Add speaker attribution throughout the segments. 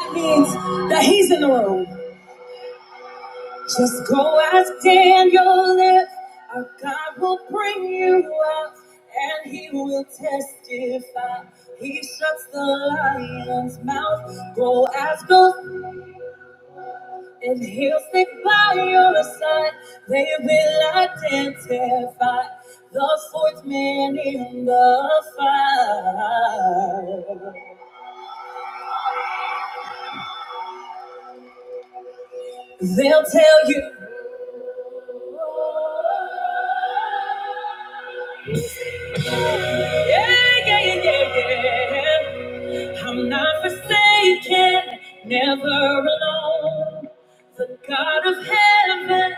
Speaker 1: That means that he's in the room. Just go ask Daniel if our God will bring you out and he will testify. He shuts the lion's mouth. Go ask him and he'll stick by your side. They will identify the fourth man in the fire. They'll tell you. Yeah, yeah, yeah, yeah. yeah. I'm not forsaken, never alone. The God of heaven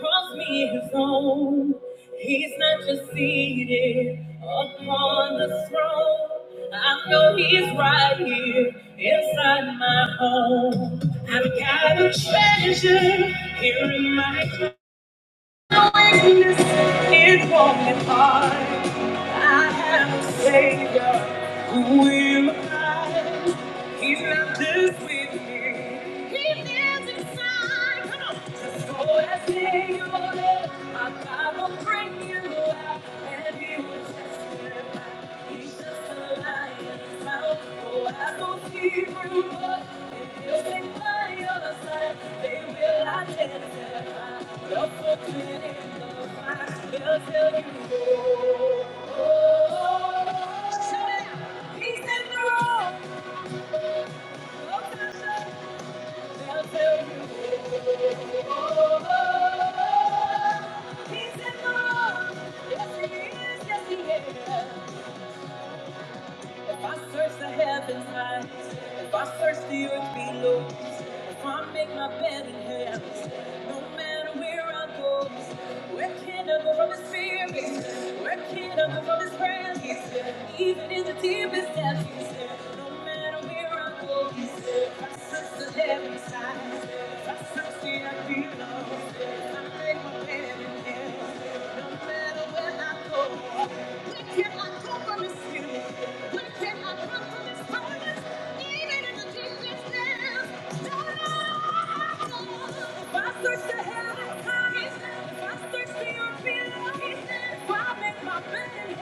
Speaker 1: calls me his own. He's not just seated upon the throne. I know he's right here inside my home. I've got a treasure here in my it won't be I have a Savior who will hide. He lives with me. He lives inside. Come on. Just go and say your name. My God will bring you out, and He will testify. He's just a lion's mouth. Oh, I don't see through, but if you think by your side, they will identify. You're fortune in the fire. They'll tell you. Oh, oh, oh. Shout it out. He's in the room. He's in love. Yes, he is. Yes, he is. If I search the heavens high, if I search the earth below, if I make my bed in hell, no matter where I go, where can I go from His spirit? Where can I go from His presence? He's there. Even in the deepest depths, He's there. No matter where I go, He's there. If I search the heavens high, if I search the if I search the earth below, i make my bed.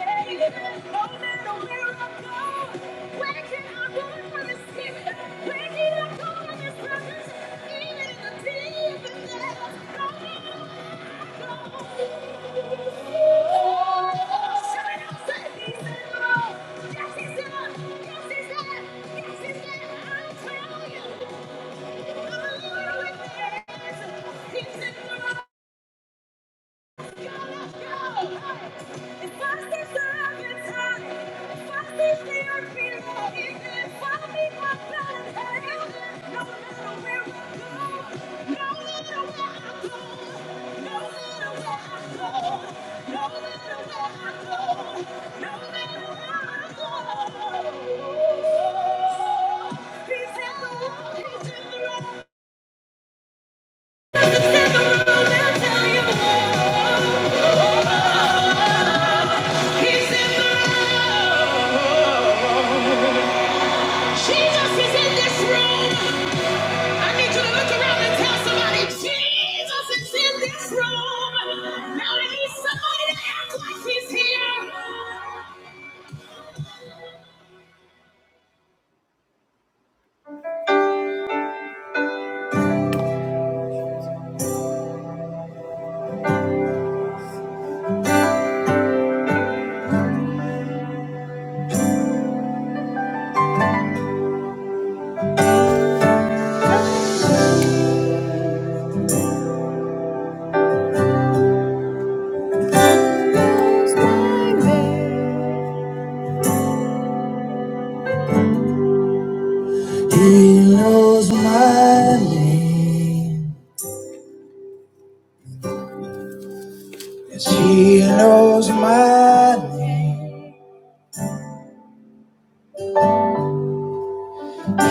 Speaker 1: He's in the room. He's in the room, he's in the room, he's in the room, tell you. He's in the room. Jesus is in this room. I need you to look around and tell somebody, Jesus is in this room. Now I need somebody to act like he's here. Knows my name. He knows my name. Yes, he knows my name.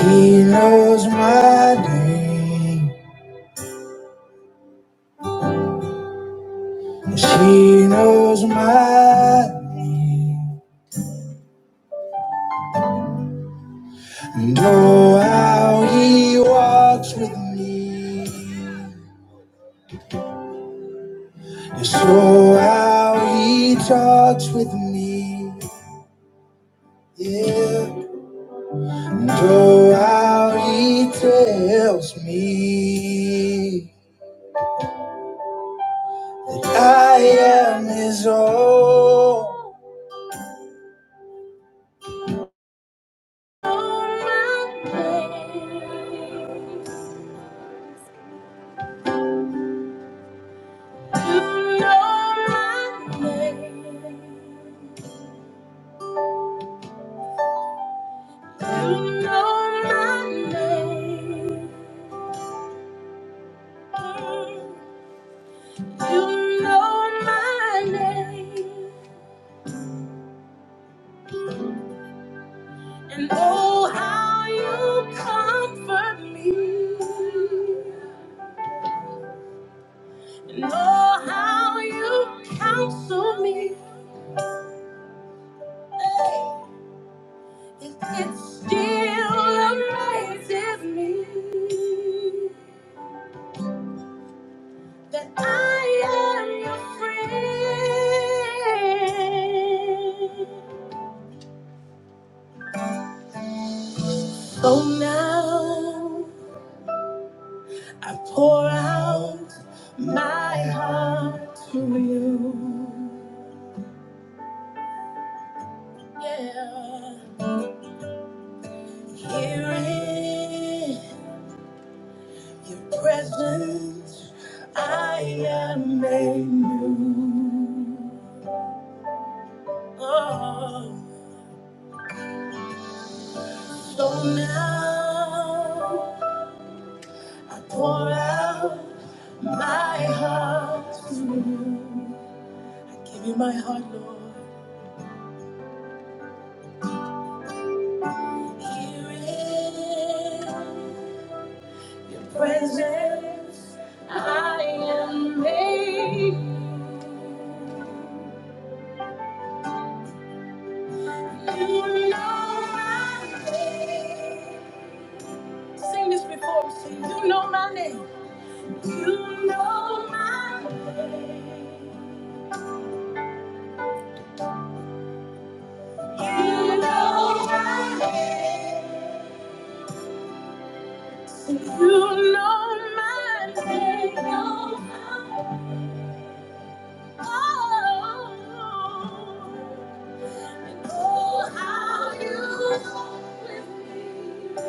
Speaker 1: He knows my name. She knows mine, and oh, how he walks with me. Yes, oh, how he talks with me. Yeah, and oh, how he tells me that I am his own. Know my name. You know my name. You know my name. And oh, how you comfort me. And oh, how you counsel me. It, it still amazes me that I am your friend. So now. I pour out my heart to you. Yeah. Here in your presence, I am made new. Oh. So now I pour out my heart. Give you my heart, Lord. Here in your presence, I am made. You know my name. Sing this before we sing. You know my name. You know my name. You know my name. You know my name. You know my name. Oh. Oh, how you walk with me.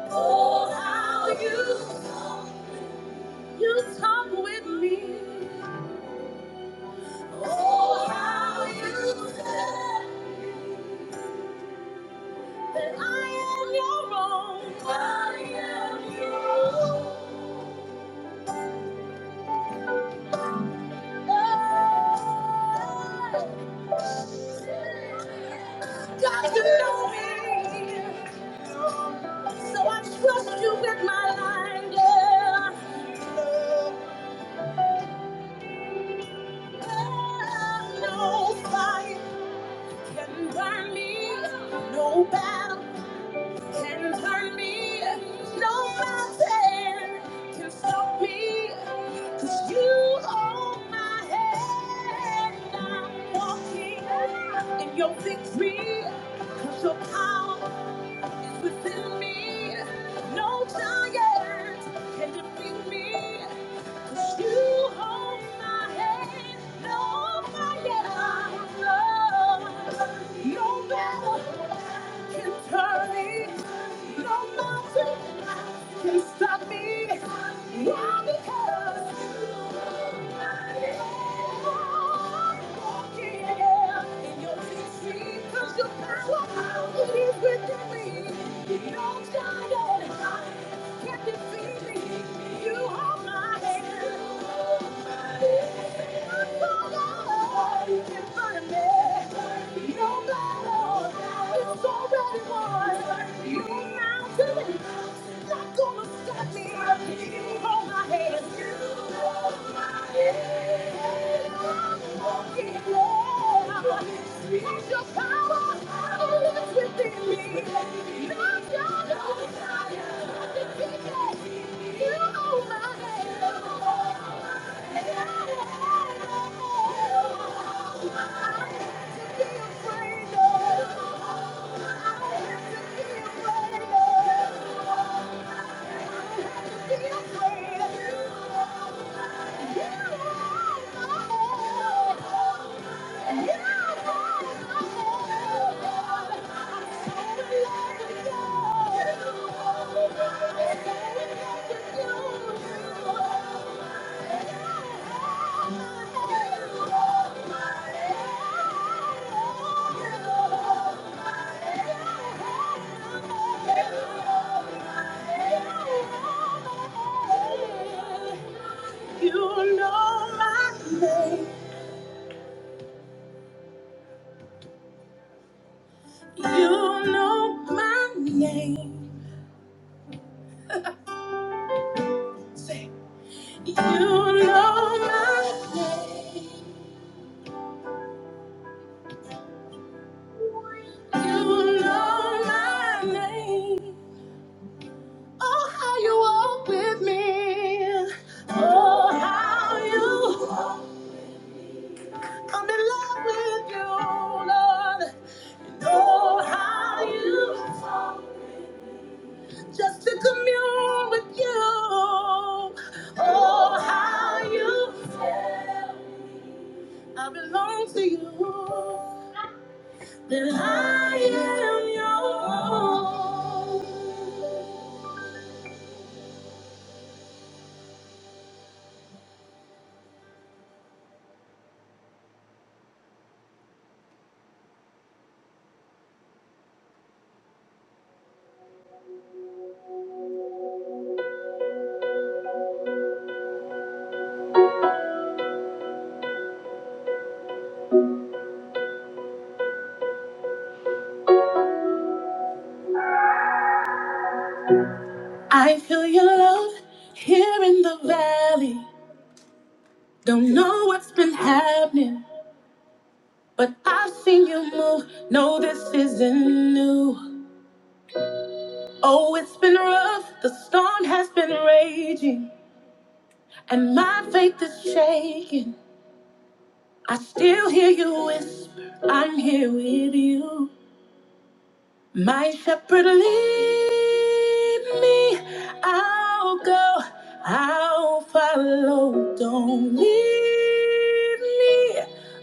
Speaker 1: Oh, how you walk You talk with me. Oh, how you said that I am your own. I am your own. Oh, God, you know me. So I trust you with my life. Yeah. No fire can burn me. No battle. can turn me. No mountain can stop me. Cause you hold my hand. I'm walking in your victory. Cause your power is within me. No giant can defeat me. Your power is within me. you're giant. Your power, yeah. You know my name. You know my name. Say, you know my name. You know my name. Oh, how you walk with me. Oh, how you come in love with you, Lord. Oh, how you just to commune with you. Oh, how you. I belong to you. That I am your own. I feel your love here in the valley. Don't know what's been happening, but I've seen you move. No, this isn't new. Oh, it's been rough. The storm has been raging, and my faith is shaking. I still hear you whisper, I'm here with you. My shepherd lead me, I'll go, I'll follow. Don't leave me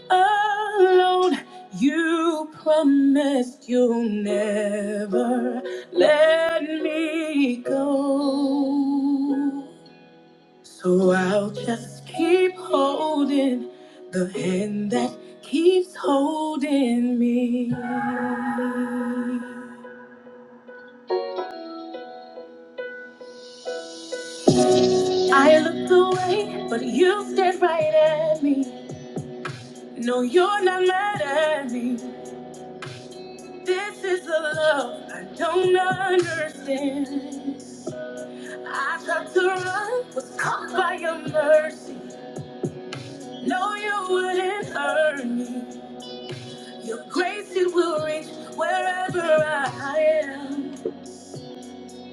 Speaker 1: alone. You promised you'll never let me go. So I'll just keep holding the hand that keeps holding me. I looked away, but you stared right at me. No, you're not mad at me. This is a love I don't understand. I tried to run, was caught by your mercy. No, you wouldn't hurt me. Your grace, it will reach wherever I am.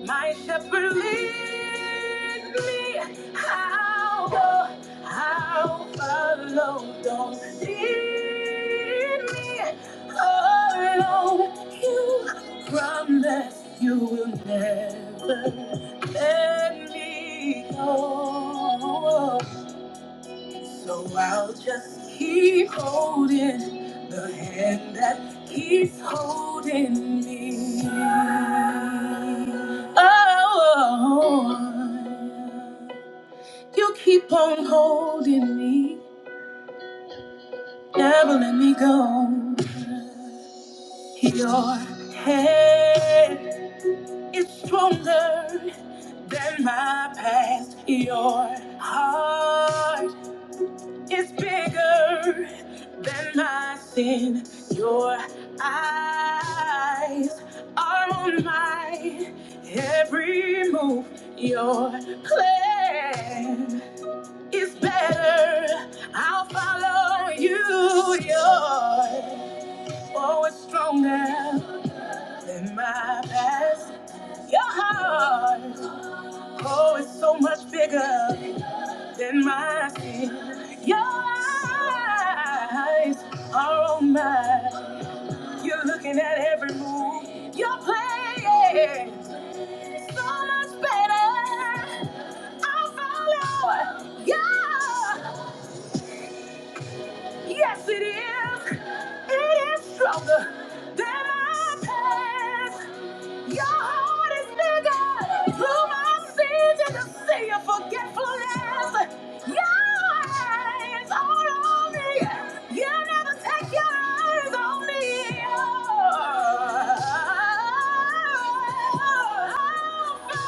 Speaker 1: My shepherd lead me, I'll go, I'll follow. Don't leave me alone. You promise you will never let me go. So I'll just keep holding the hand that keeps holding me. Oh, you keep on holding me, never let me go. Your head is stronger than my past. Your heart It's bigger than my sin. Your eyes are on my every move. Your plan is better. I'll follow you. Your oh, it's stronger than my past. Your heart, oh, it's so much bigger in my skin. Your eyes are on mine. You're looking at every move you're playing. So much better. I follow. Yeah. Yes, it is. It is stronger than our past. Your heart is bigger. Through my sins and the sea of forgetfulness. Your eyes are on me. You never take your eyes on me. Oh, I'll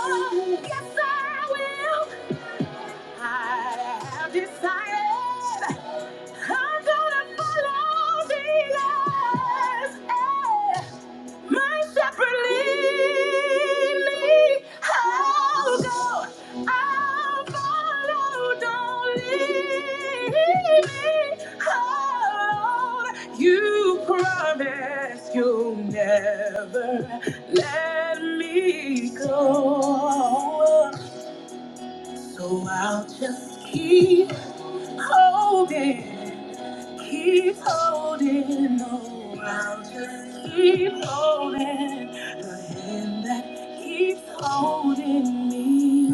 Speaker 1: follow you. Yes, I will. I have decided I'm gonna follow Jesus as my shepherd lead me. I'll go, I'll follow, don't leave me alone. You promised you'll never let me go. So I'll just keep holding, keep holding. No, I'll just keep holding the hand that keeps holding me.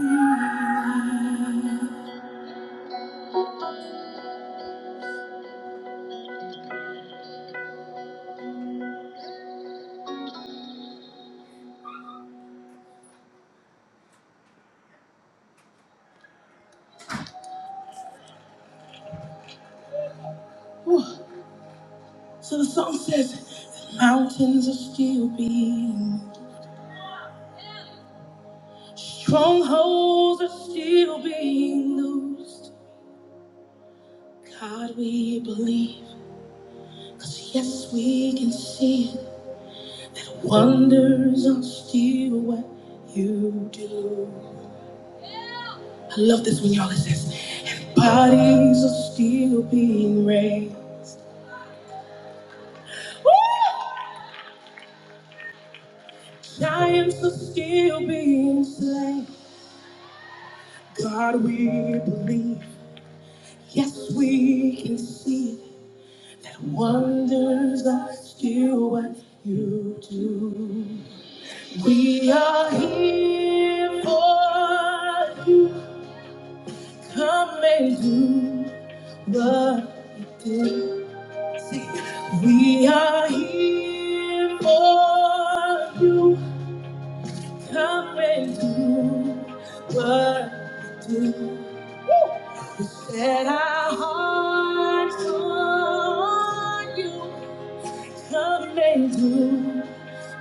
Speaker 1: So the song says, mountains are still being, strongholds are still being loosed. God, we believe, 'cause yes, we can see it. Wonders are still what you do. I love this when y'all it says, and bodies are still being raised. Giants are still being slain. God, we believe. Yes, we can see it. That wonders are still what you do. We are here for you. Come and do what you do. We are here for you. Come and do what you do. Set our hearts on you. Come and do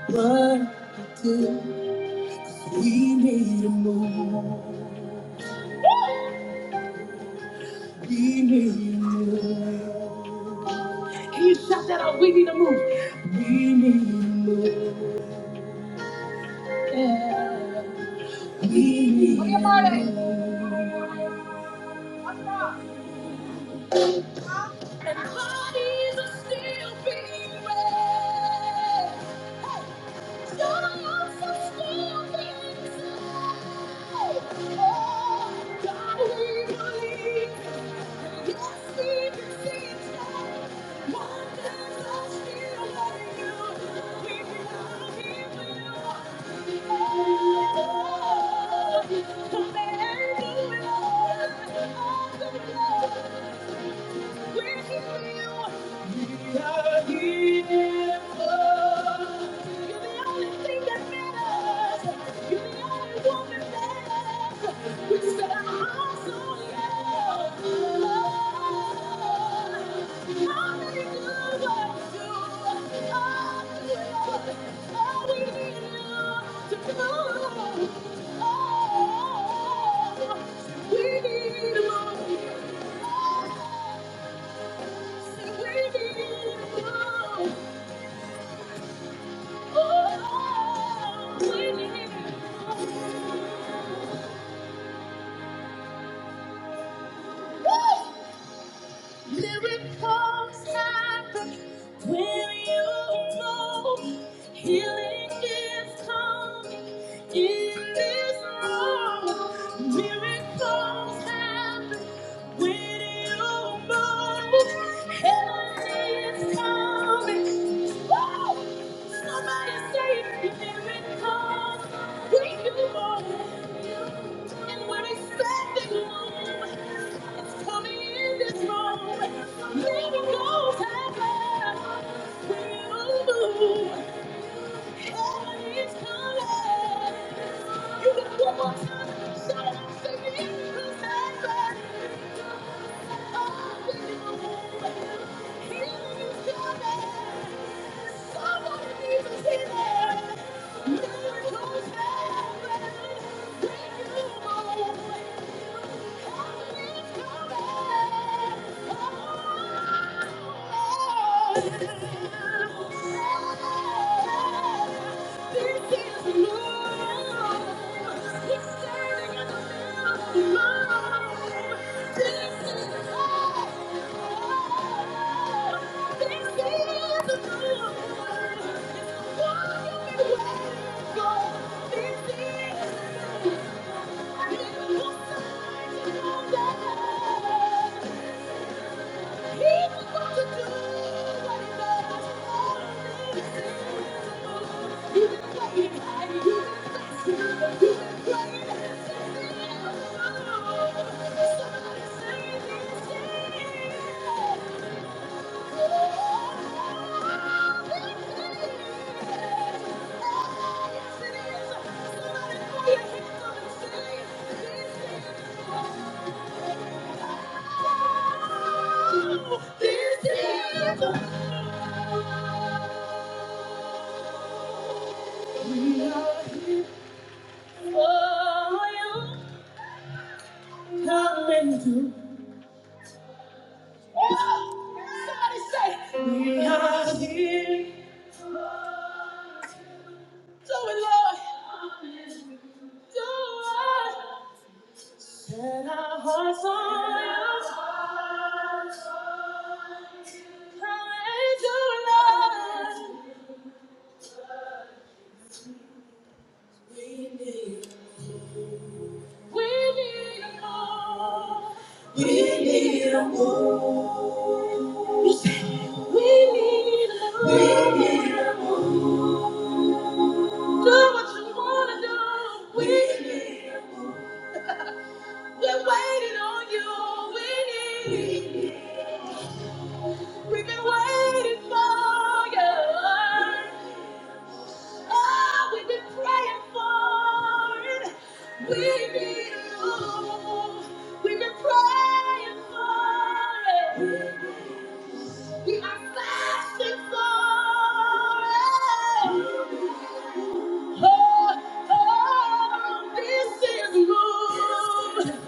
Speaker 1: what you do. We need a move. We need a move. Can you shout that out? We need a move. We need a move. Oh, God, we believe. Thank you. Oh, we need more. Oh, we need Woo! Miracles happen when you know healing is coming in this room. Miracles happen When you move, heaven is coming, woo! Somebody say here it comes. When you move, and when it's set in gloom, it's coming in this room. Miracles happen when you move. Heaven is coming. You got one more time. Shout, say miracles happen. Thank you. Thank you. Somebody put your hands on the ceiling. Come and do it, Lord. We need a more. We need a move. You say we need a more. We need a move. Do what you wanna do. We, need a move. We're waiting on you. We need. We need. We've been waiting for you. Oh, we've been praying for it. We need you. We've been praying for it. We are fasting for it. Oh, oh, this is good.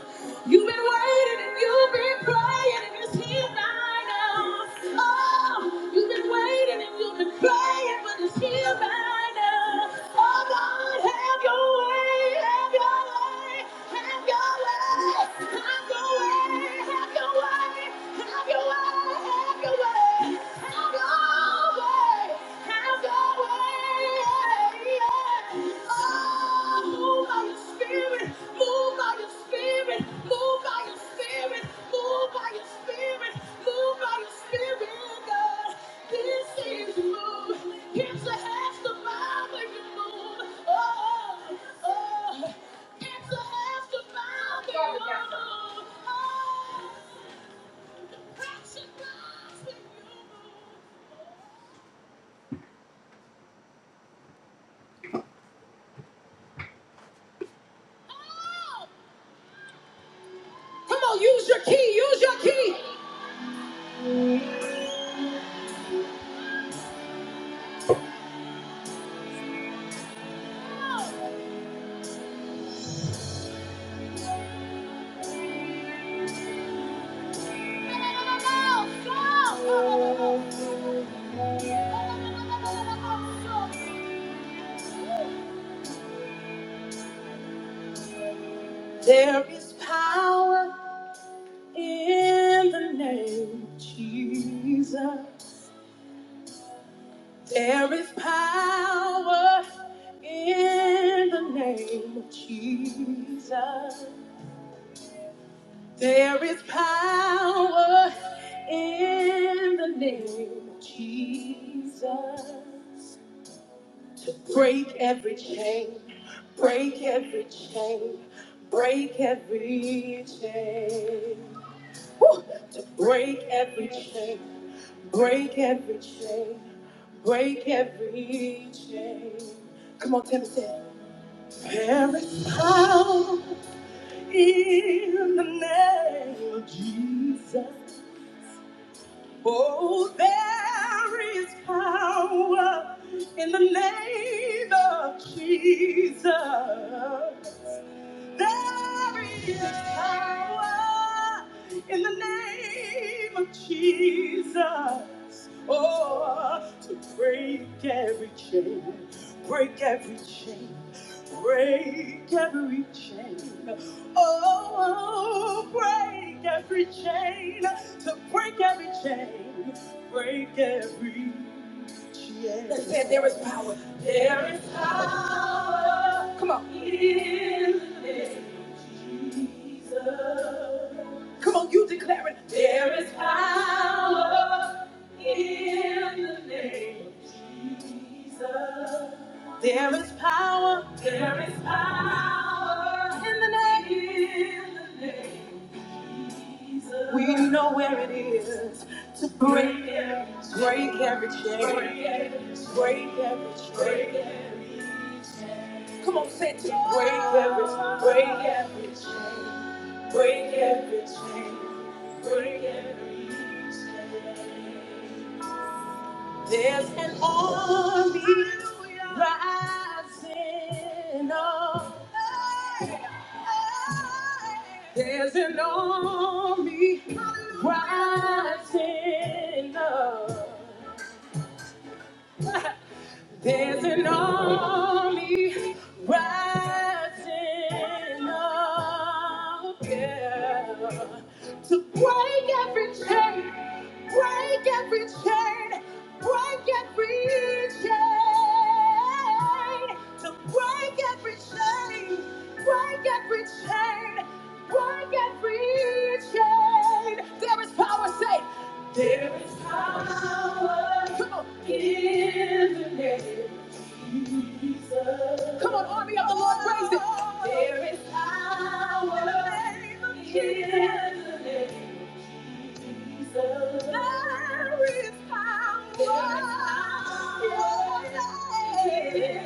Speaker 1: You've been waiting and you've been praying and it's here right now. Oh, you've been waiting and you've been praying, but it's here right now. Oh, God, have your way, have your way, have your way, have your way, have your way, have your way, have your way, have your way. Oh! Come on, use your key, use your key. There is power in the name of Jesus Woo! to break every chain, break every chain, break every chain. Come on, Timothy. There is power. In the name of Jesus, oh, there is power in the name of Jesus. There is power in the name of Jesus. Oh, to break every chain, break every chain. Break every chain. Oh, break every chain. To break every chain. Break every chain. They said there, there is power. Come on. In the name. Come on, you declare it. There is power in the name of Jesus. There is power. There is power in the name. In the name. of Jesus. We know where it is to break, every, break every chain, break. every, break. Come on, say it, to break every, break. There's an army rising up. There's an army rising up. There's an army rising up yeah, to break every chain, break every chain, break every chain, to break every chain, break every chain, break every chain. There is power, say, come on, come on, army of the Lord, raise it. There In the name of Jesus, I will find what I need.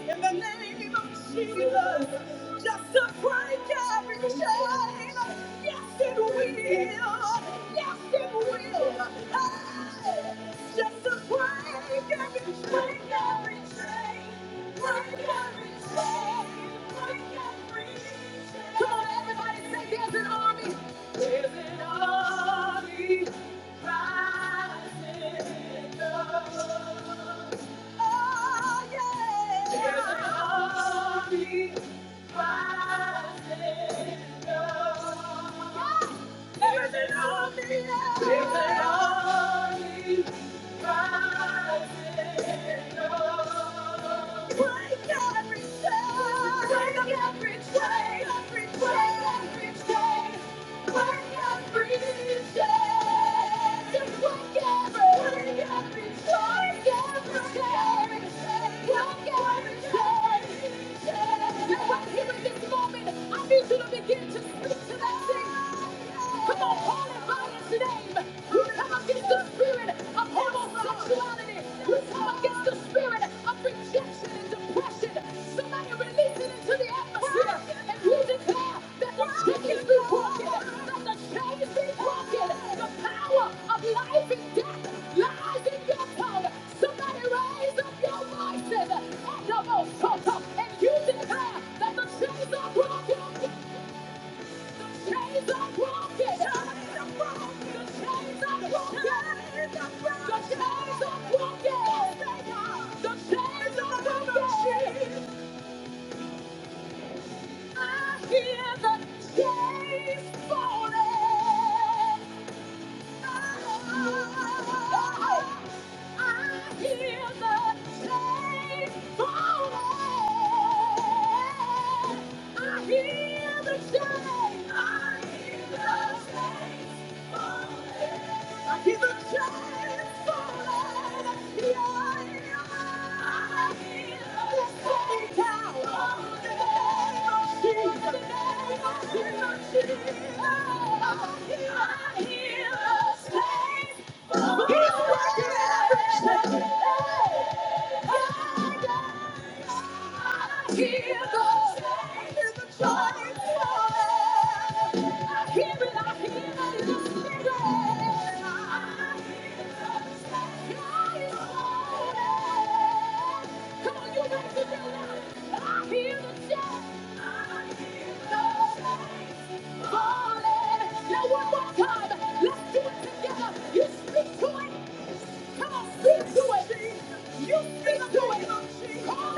Speaker 1: in the name of Jesus, just to break every chain. Yes, it will. Yes, it will. Hey, just to break every break every chain, break every chain, break every chain. Come on, everybody, say there's an army. There's an army rising up. Break every chain, break every chain, break every chain. I need you to begin to speak to Come on, call it by its name. We come against the spirit of homosexuality. You come come against the spirit of rejection and depression. Somebody release it into the atmosphere. And we declare that the chains be broken, that the chains be broken. The power of life and death lies in your tongue. Somebody raise up your voices at the most and you declare that the chains are broken. Chains are broken. Chains are broken. The chains are broken. The chains are broken. The chains are broken. I hear the chains falling. I hear the chains falling. I hear the chains. I hear the chains. He's a every day. I hear the change in the morning. I hear it, I hear it in the city. I hear the change in the morning. Come on, you wait until now. I hear the change. Morning. Now one more time. Let's do it together. You speak to it. Come on, speak to it. You speak to it. Call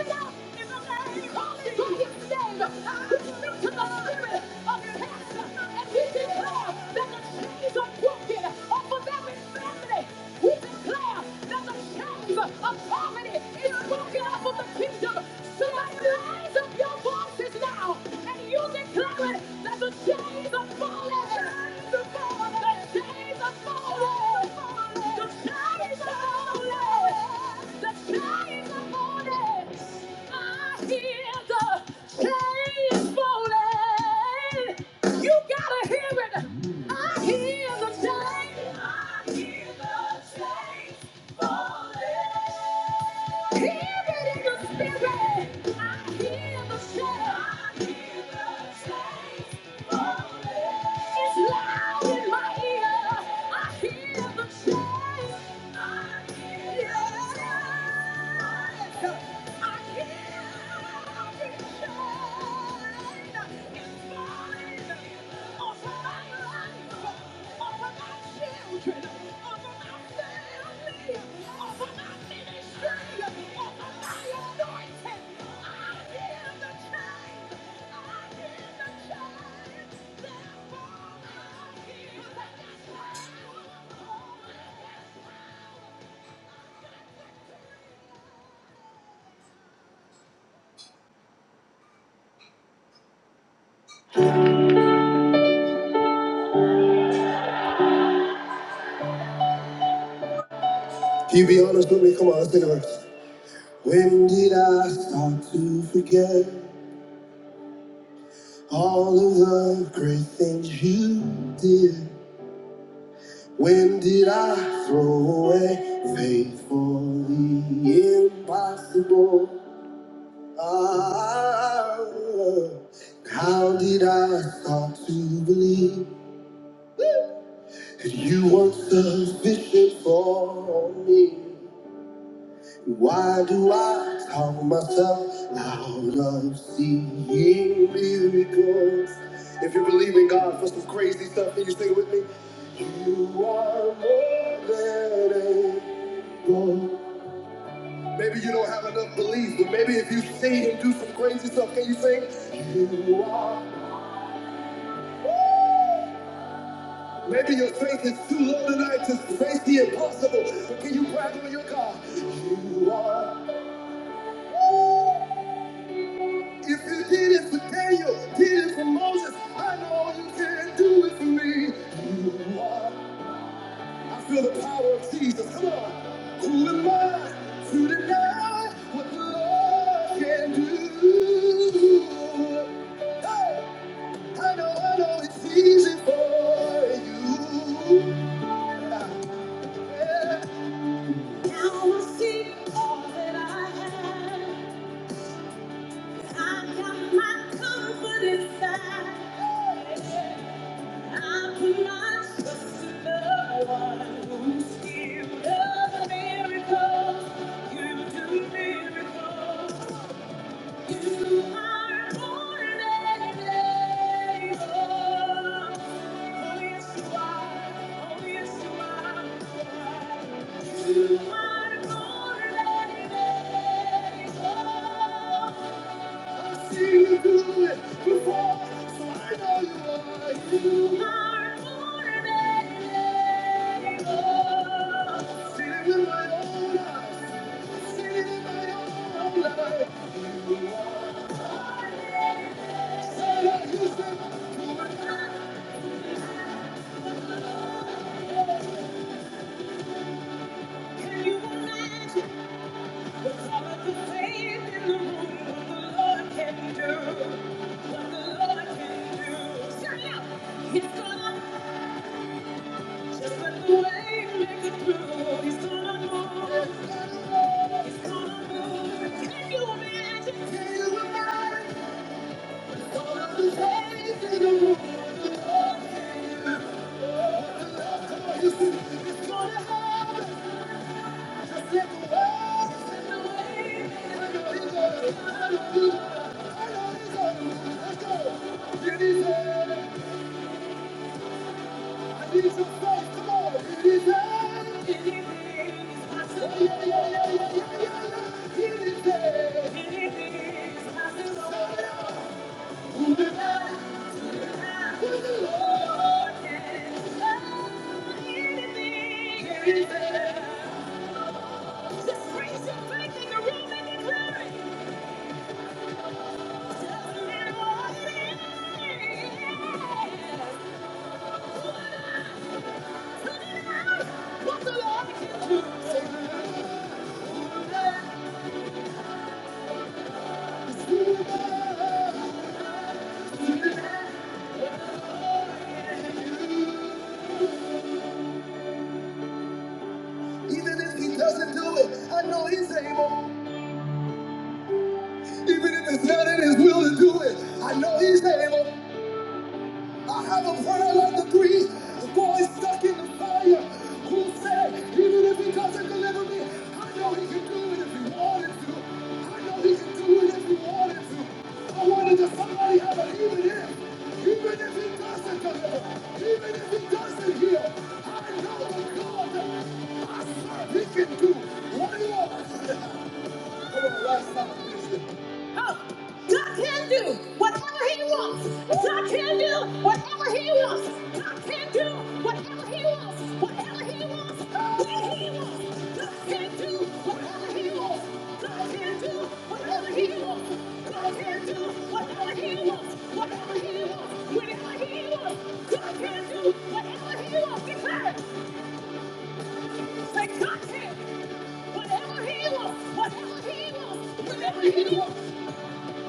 Speaker 1: it out in the name, call it to His name, lift to the spirit of His hands, and declare that the chains are broken over every family. We declare that the shelter of poverty is broken over the people. So raise up your voices now and use it clearly that the chains are falling. The chains are falling. The chains are falling. It's loud in my ear. I hear the chains. Thank you. You be honest with me, come on, let's think about it. When did I start to forget all of the great things you did? When did I throw away faith for the impossible? Ah, how did I start to believe that you weren't sufficient for me? Why do I count myself out of seeing miracles? If you believe in God for some crazy stuff, then you sing it with me. One more day. Maybe you don't have enough belief, but maybe if you see Him do some crazy stuff, can you sing? You are. Maybe your faith is too low tonight to face the impossible, but can you brag on your God? You are. If you did it for Daniel, did it for Moses, I know you can do it for me. You are. I feel the power of Jesus. Come on. Who am I to deny what the Lord can do? Hey! I know, I know it's easy for you. Yeah. See it with my own eyes. Can you imagine? Can you imagine? All of the things in the world. Just raise your faith in the room and declare it. Even if he doesn't do it, I know he's able. Even if it's not in his will to do it, I know he's able. I have a friend like the a boy stuck in the fire who said, even if he doesn't deliver me, I know he can do it if he wanted to. I know he can do it if he wanted to. I wanted to somebody have an even if, even if he doesn't deliver, even if he doesn't heal, I know the God that I serve, he can do what he wants. Oh, God can do whatever He wants. God can do whatever He wants. God can do whatever He wants. Whatever He wants, when He wants. God can do whatever He wants. God can do whatever He wants. God can do whatever He wants. Whatever He wants, whenever He wants. God can do whatever He wants. Declare it. Say, touch him. Whatever he wants, whatever he wants, whatever he wants,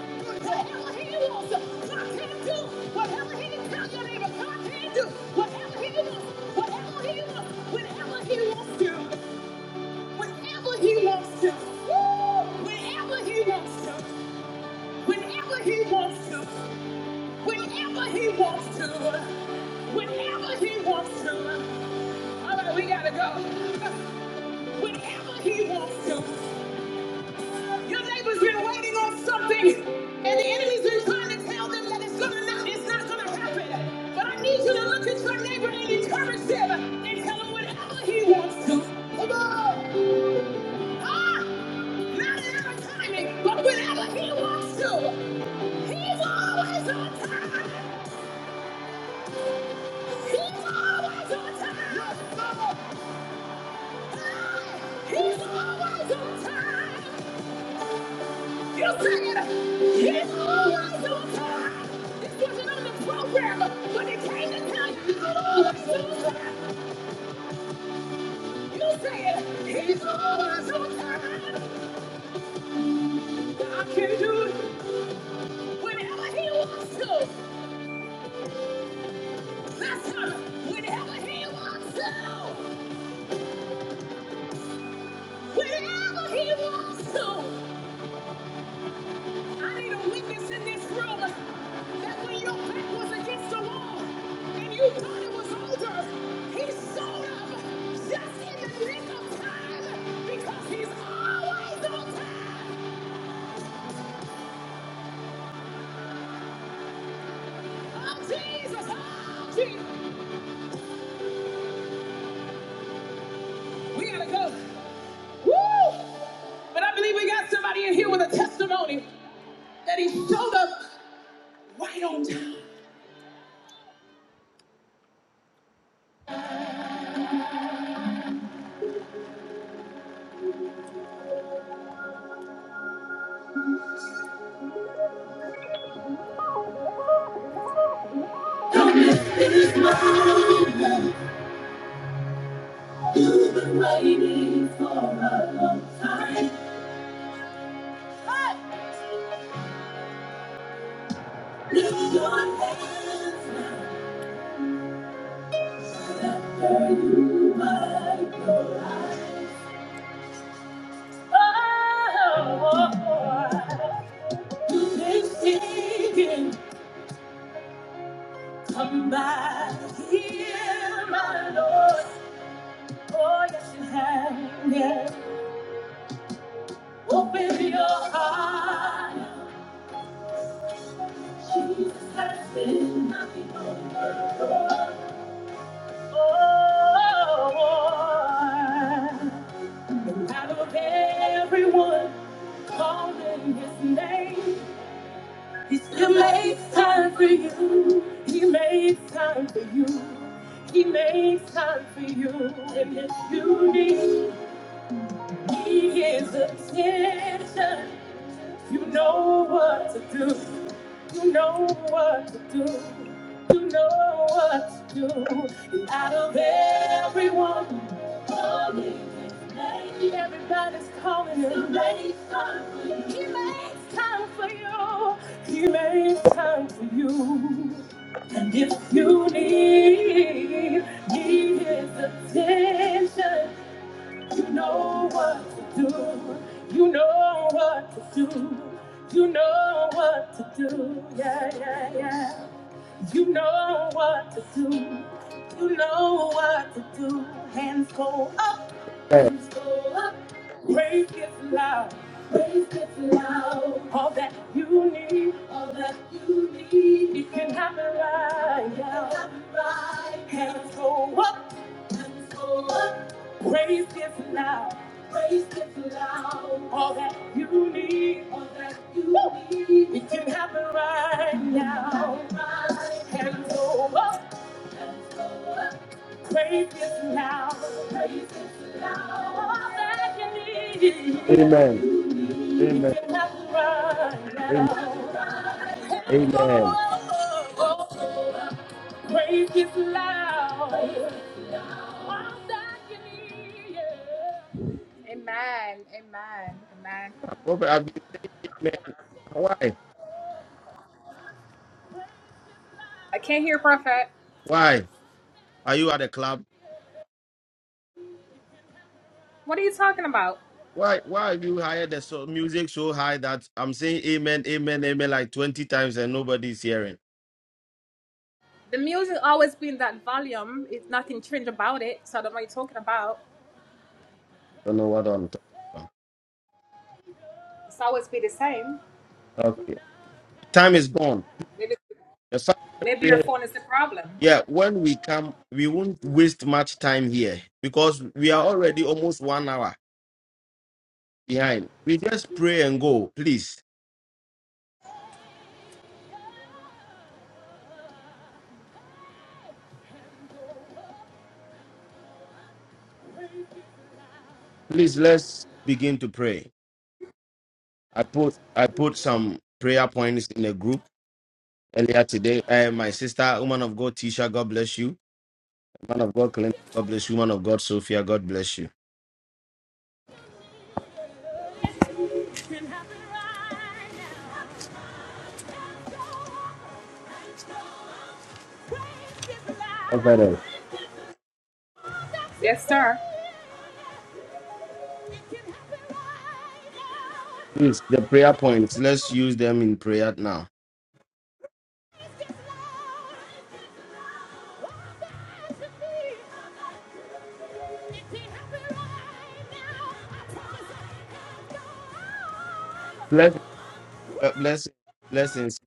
Speaker 1: whatever he wants, God can do. Whatever he can tell your neighbor, God can do. Whatever he wants, whatever he wants, whenever he wants to, whenever he wants to, Woo! whenever he wants to, whenever he wants to, whenever he wants to, whenever he wants to. All right, we gotta go. Whenever he wants to. Your neighbor's been waiting on something, and the enemy's been trying to tell them that it's gonna not, it's not gonna happen. But I need you to look at your neighbor and encourage them and tell him whatever he wants to. Come on! Ah! Not in our timing, but whenever he wants to. He's always on time! He's always on time! Ah! He's always on time! You sing it. It's always on time. This wasn't on the program, but it came to tell you it's always on time. You say he's It's always on time. God can do it whenever He wants to. Listen, whenever He wants to. Whenever He wants to. I need a witness in this room that when your back was against the wall and you thought it was over, he showed up just in the nick of time because he's always on time. Oh, Jesus. Oh, Jesus. We got to go. Woo! But I believe we got somebody in here with a testimony that he showed up. Oh, oh, oh, oh. Come back here, my Lord. Oh, yes, you have. Yes. Open your eyes. That's it. Oh, out of everyone calling his name, he still makes time for you. He makes time for you. He makes time for you. And if you need, he is attention. You know what to do. You know what to do. You know what to do. And out of everyone, only everybody, he makes time for you. He makes time for you. And if you need, need his attention, you know what to do. You know what to do. You know what to do. Yeah, yeah, yeah. You know what to do. You know what to do. Hands go up.
Speaker 2: Amen.
Speaker 1: Praise is loud. All that you need, it can happen right now. Hands go up. Praise is loud. All that you need, it can happen right now. Hands go up. Praise is loud. All that you need,
Speaker 2: Amen.
Speaker 1: it
Speaker 2: Amen.
Speaker 1: can happen right
Speaker 2: Amen.
Speaker 1: now.
Speaker 2: Amen.
Speaker 1: Praise
Speaker 2: Prophet Abi, Amen. Why? Why are you at the club? Why? Why have you hired the so, music so high that I'm saying Amen, Amen, Amen like twenty times and nobody's hearing? Don't know what I'm talking about. Okay, time is gone. The Sabbath period- Yeah, when we come, we won't waste much time here because we are already almost one hour behind. We just pray and go, please. Please, let's begin to pray. I put I put some prayer points in a group earlier today. Uh, my sister, woman of God, Tisha, God bless you. Man of God, Clinton, God bless you. Woman of God, Sophia, God bless you.
Speaker 1: is Can happen right now. Let's go on. Let's go on. Praise His love.
Speaker 2: Okay, then.
Speaker 1: Praise His love. That's it. It can happen right now.
Speaker 2: Please, the prayer points. Let's use them in prayer now.
Speaker 1: Let's go. Praise His love. Praise His love. Oh, God, to me.
Speaker 2: Bless, uh, bless, blessings.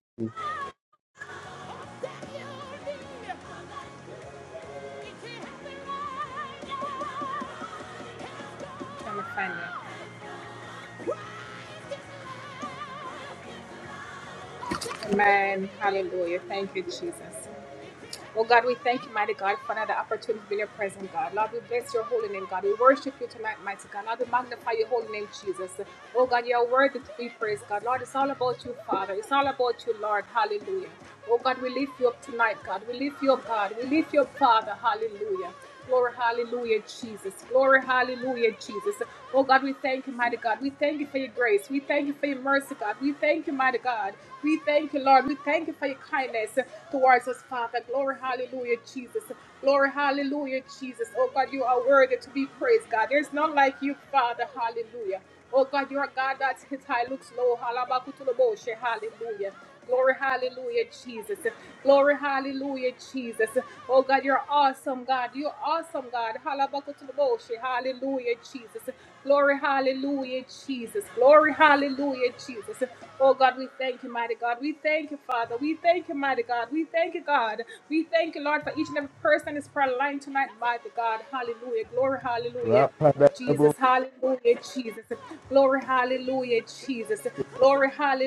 Speaker 2: Rapadabo.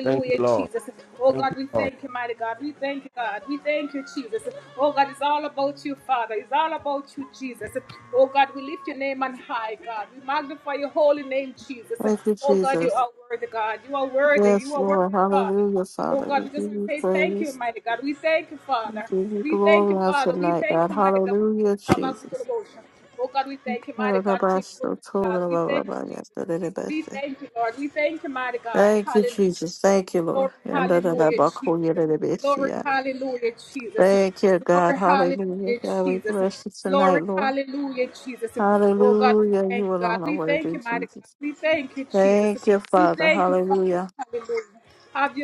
Speaker 2: Thank you, Lord. Thank you, Lord.
Speaker 3: Thank you, Jesus. Yes, Lord. Hallelujah, Father. We give you praise. We give you glory on tonight, God. Hallelujah, Jesus. Thank you, Jesus. Thank you, Lord. Thank you, God. Hallelujah. God, we bless you tonight, Lord. Hallelujah. You alone are worthy, Jesus. Thank you, Father. Hallelujah.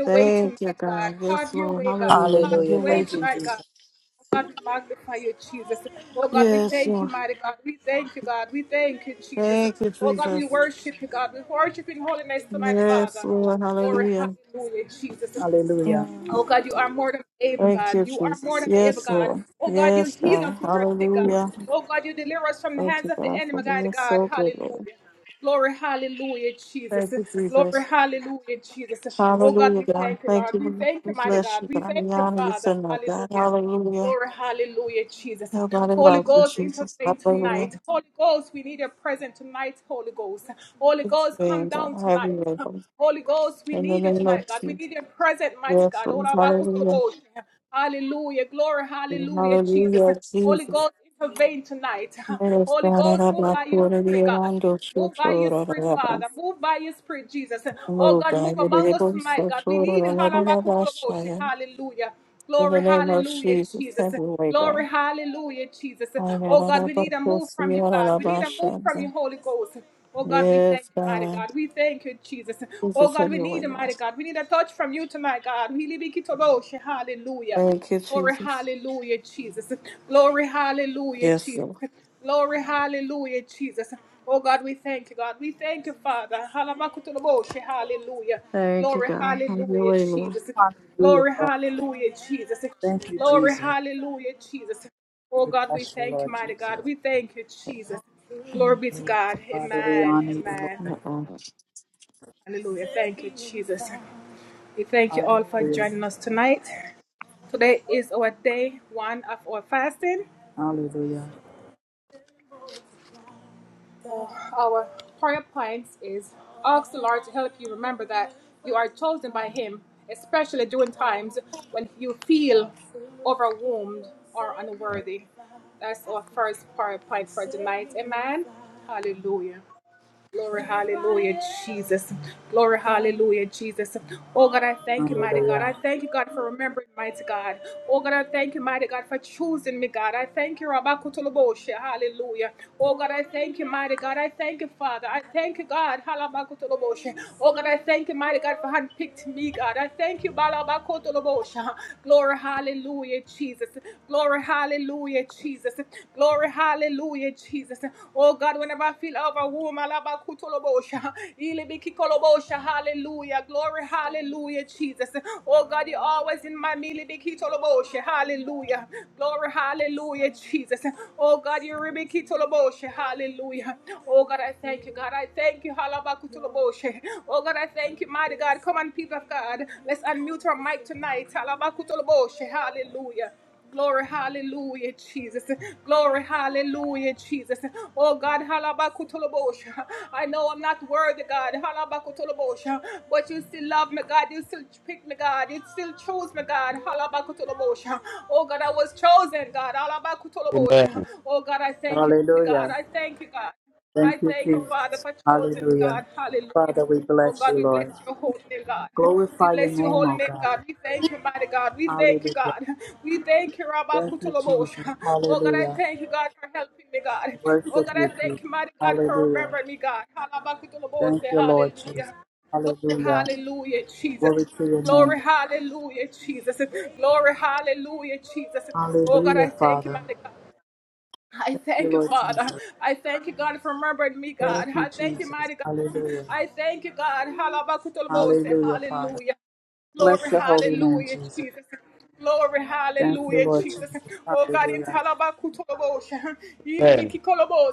Speaker 3: Thank you, God. Yes, Lord. Hallelujah. Have
Speaker 4: Hallelujah.
Speaker 3: your way,
Speaker 4: Thank you,
Speaker 3: Jesus.
Speaker 4: Jesus.
Speaker 3: Yes, Lord. Thank you, Jesus. Yes, Lord. Hallelujah.
Speaker 4: Hallelujah.
Speaker 3: Mm. Thank you, Jesus. Yes, Lord. Yes, God. Hallelujah. Thank you, God, for being so good, Lord. Thank you, Jesus. Hallelujah, God. Thank you. We bless you, God. We honor you tonight, God. Hallelujah. Nobody like you, Jesus. Hallelujah. It's being God. Have you Lord. In the name of Jesus. Yes, Lord. Hallelujah. Hallelujah, Jesus. Yes, God, I love my quarter, the around your shoe, Lord, I love us. Move, God, with the bones, so, Lord, I love us, Shia. In the name of Jesus, have your way, God. I love my course, the around of our Shia. Yes, God. Jesus, have your way, Lord. Thank you, Jesus. Yes, Lord. Thank you, God. Have your way, Lord.
Speaker 4: Hallelujah, Father. Thank you, Jesus. We bless you, Lord Jesus.
Speaker 3: Mm,
Speaker 4: Hallelujah. Father, we honor you, Lord.
Speaker 3: mm, mm.
Speaker 4: Hallelujah. Hallelujah. Hallelujah.
Speaker 2: Amen.
Speaker 4: Hallelujah. Thank you, Jesus. Hallelujah. Father, we bless you, Lord. Glorify your name, O God. Hallelujah. Thank you, Jesus. Hallelujah. Worship you, Jesus. Hallelujah. Thank you, Lord Jesus. Hallelujah. Glory to your name. Hallelujah, Father. Thank you, Lord Jesus. Thank you, Jesus. Hallelujah. Hallelujah, Father. Bless your holy name, Jesus. Thank you, Lord Jesus. Hallelujah.
Speaker 2: Amen.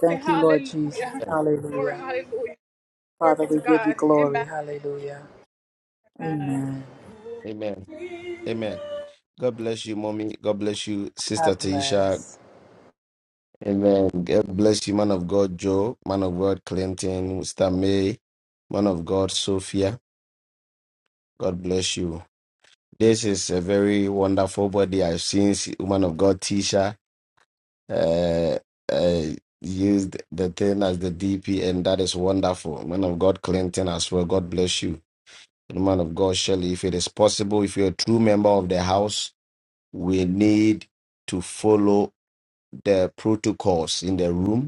Speaker 4: Thank you, Lord Jesus. Hallelujah. Father, we give you glory. Hallelujah. Amen.
Speaker 2: Amen. Amen. God bless you, mommy. God bless you, sister
Speaker 4: God
Speaker 2: Tisha.
Speaker 4: bless.
Speaker 2: Amen. God bless you, man of God, Joe, man of God, Clinton, Mr. May, man of God, Sophia. God bless you. This is a very wonderful body. I've seen s- woman of God, Tisha, uh, uh, used the thing as the DP, and that is wonderful. Man of God, Clinton, as well. God bless you. And man of God, Shelley, if it is possible, if you're a true member of the house, we need to follow the protocols in the room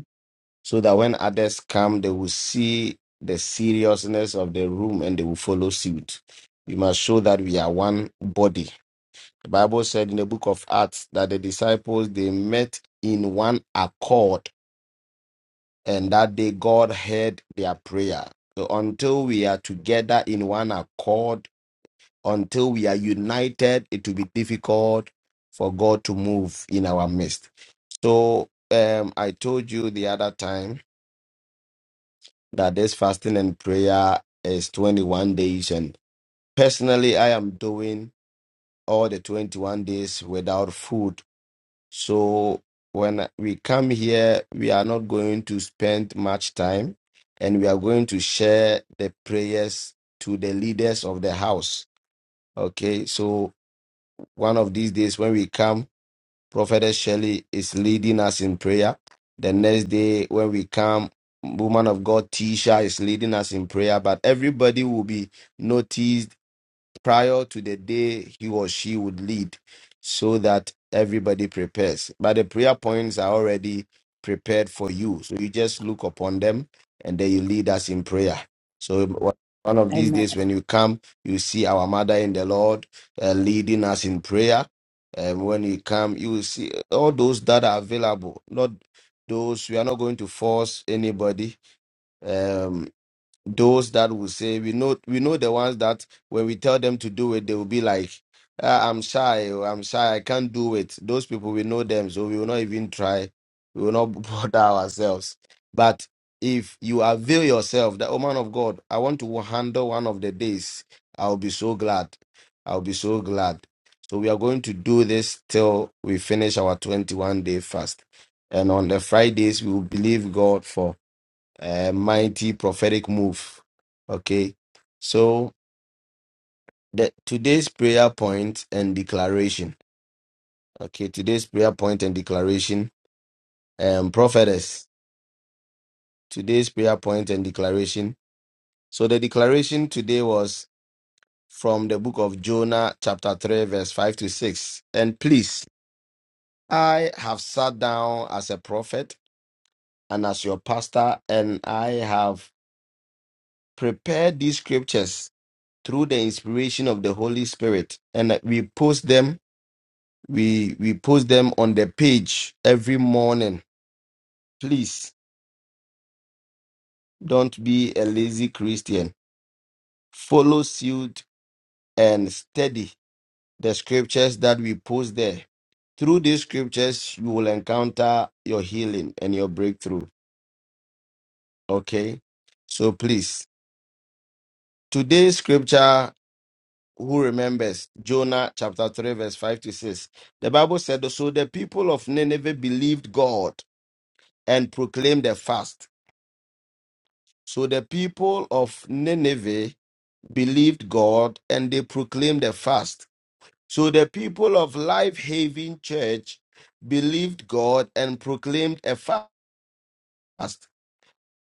Speaker 2: so that when others come, they will see the seriousness of the room and they will follow suit. We must show that we are one body. The Bible said in the book of Acts that the disciples they met in one accord and that day God heard their prayer. So until we are together in one accord, until we are united, it will be difficult for God to move in our midst. So um, I told you the other time that this fasting and prayer is 21 days. And personally, I am doing all the 21 days without food. So when we come here, we are not going to spend much time and we are going to share the prayers to the leaders of the house. Okay, so one of these days when we come, Prophetess Shelley is leading us in prayer. The next day, when we come, woman of God Tisha is leading us in prayer. But everybody will be noticed prior to the day he or she would lead so that everybody prepares. But the prayer points are already prepared for you. So you just look upon them and then you lead us in prayer. So one of these
Speaker 4: Amen.
Speaker 2: days when you come, you see our mother in the Lord uh, leading us in prayer. And when you come, you will see all those that are available. Not those we are not going to force anybody. Um, those that will say we know we know the ones that when we tell them to do it they will be like "Ah, i'm shy or i'm shy i can't do it those people we know them so we will not even try we will not bother ourselves but if you avail yourself that oh man of god i want to handle one of the days i'll be so glad i'll be so glad so we are going to do this till we finish our 21 day fast and on the fridays we will believe god for a mighty prophetic move. Okay. So the today's prayer point and declaration. Okay, today's prayer point and declaration. Um prophetess, today's prayer point and declaration. So the declaration today was from the book of Jonah, chapter 3, verse 5 to 6. And please, I have sat down as a prophet and as your pastor, and I have prepared these scriptures through the inspiration of the Holy Spirit, and we post them. We we post them on the page every morning. Please don't be a lazy Christian. Follow suit and study the scriptures that we post there. Through these scriptures, you will encounter your healing and your breakthrough. Okay, so please today's scripture. who remembers Jonah chapter 3, verse 5 to 6. The Bible said, So the people of Nineveh believed God and proclaimed a fast. So the people of Nineveh believed God and they proclaimed a fast. So the people of Life Haven Church believed God and proclaimed a fast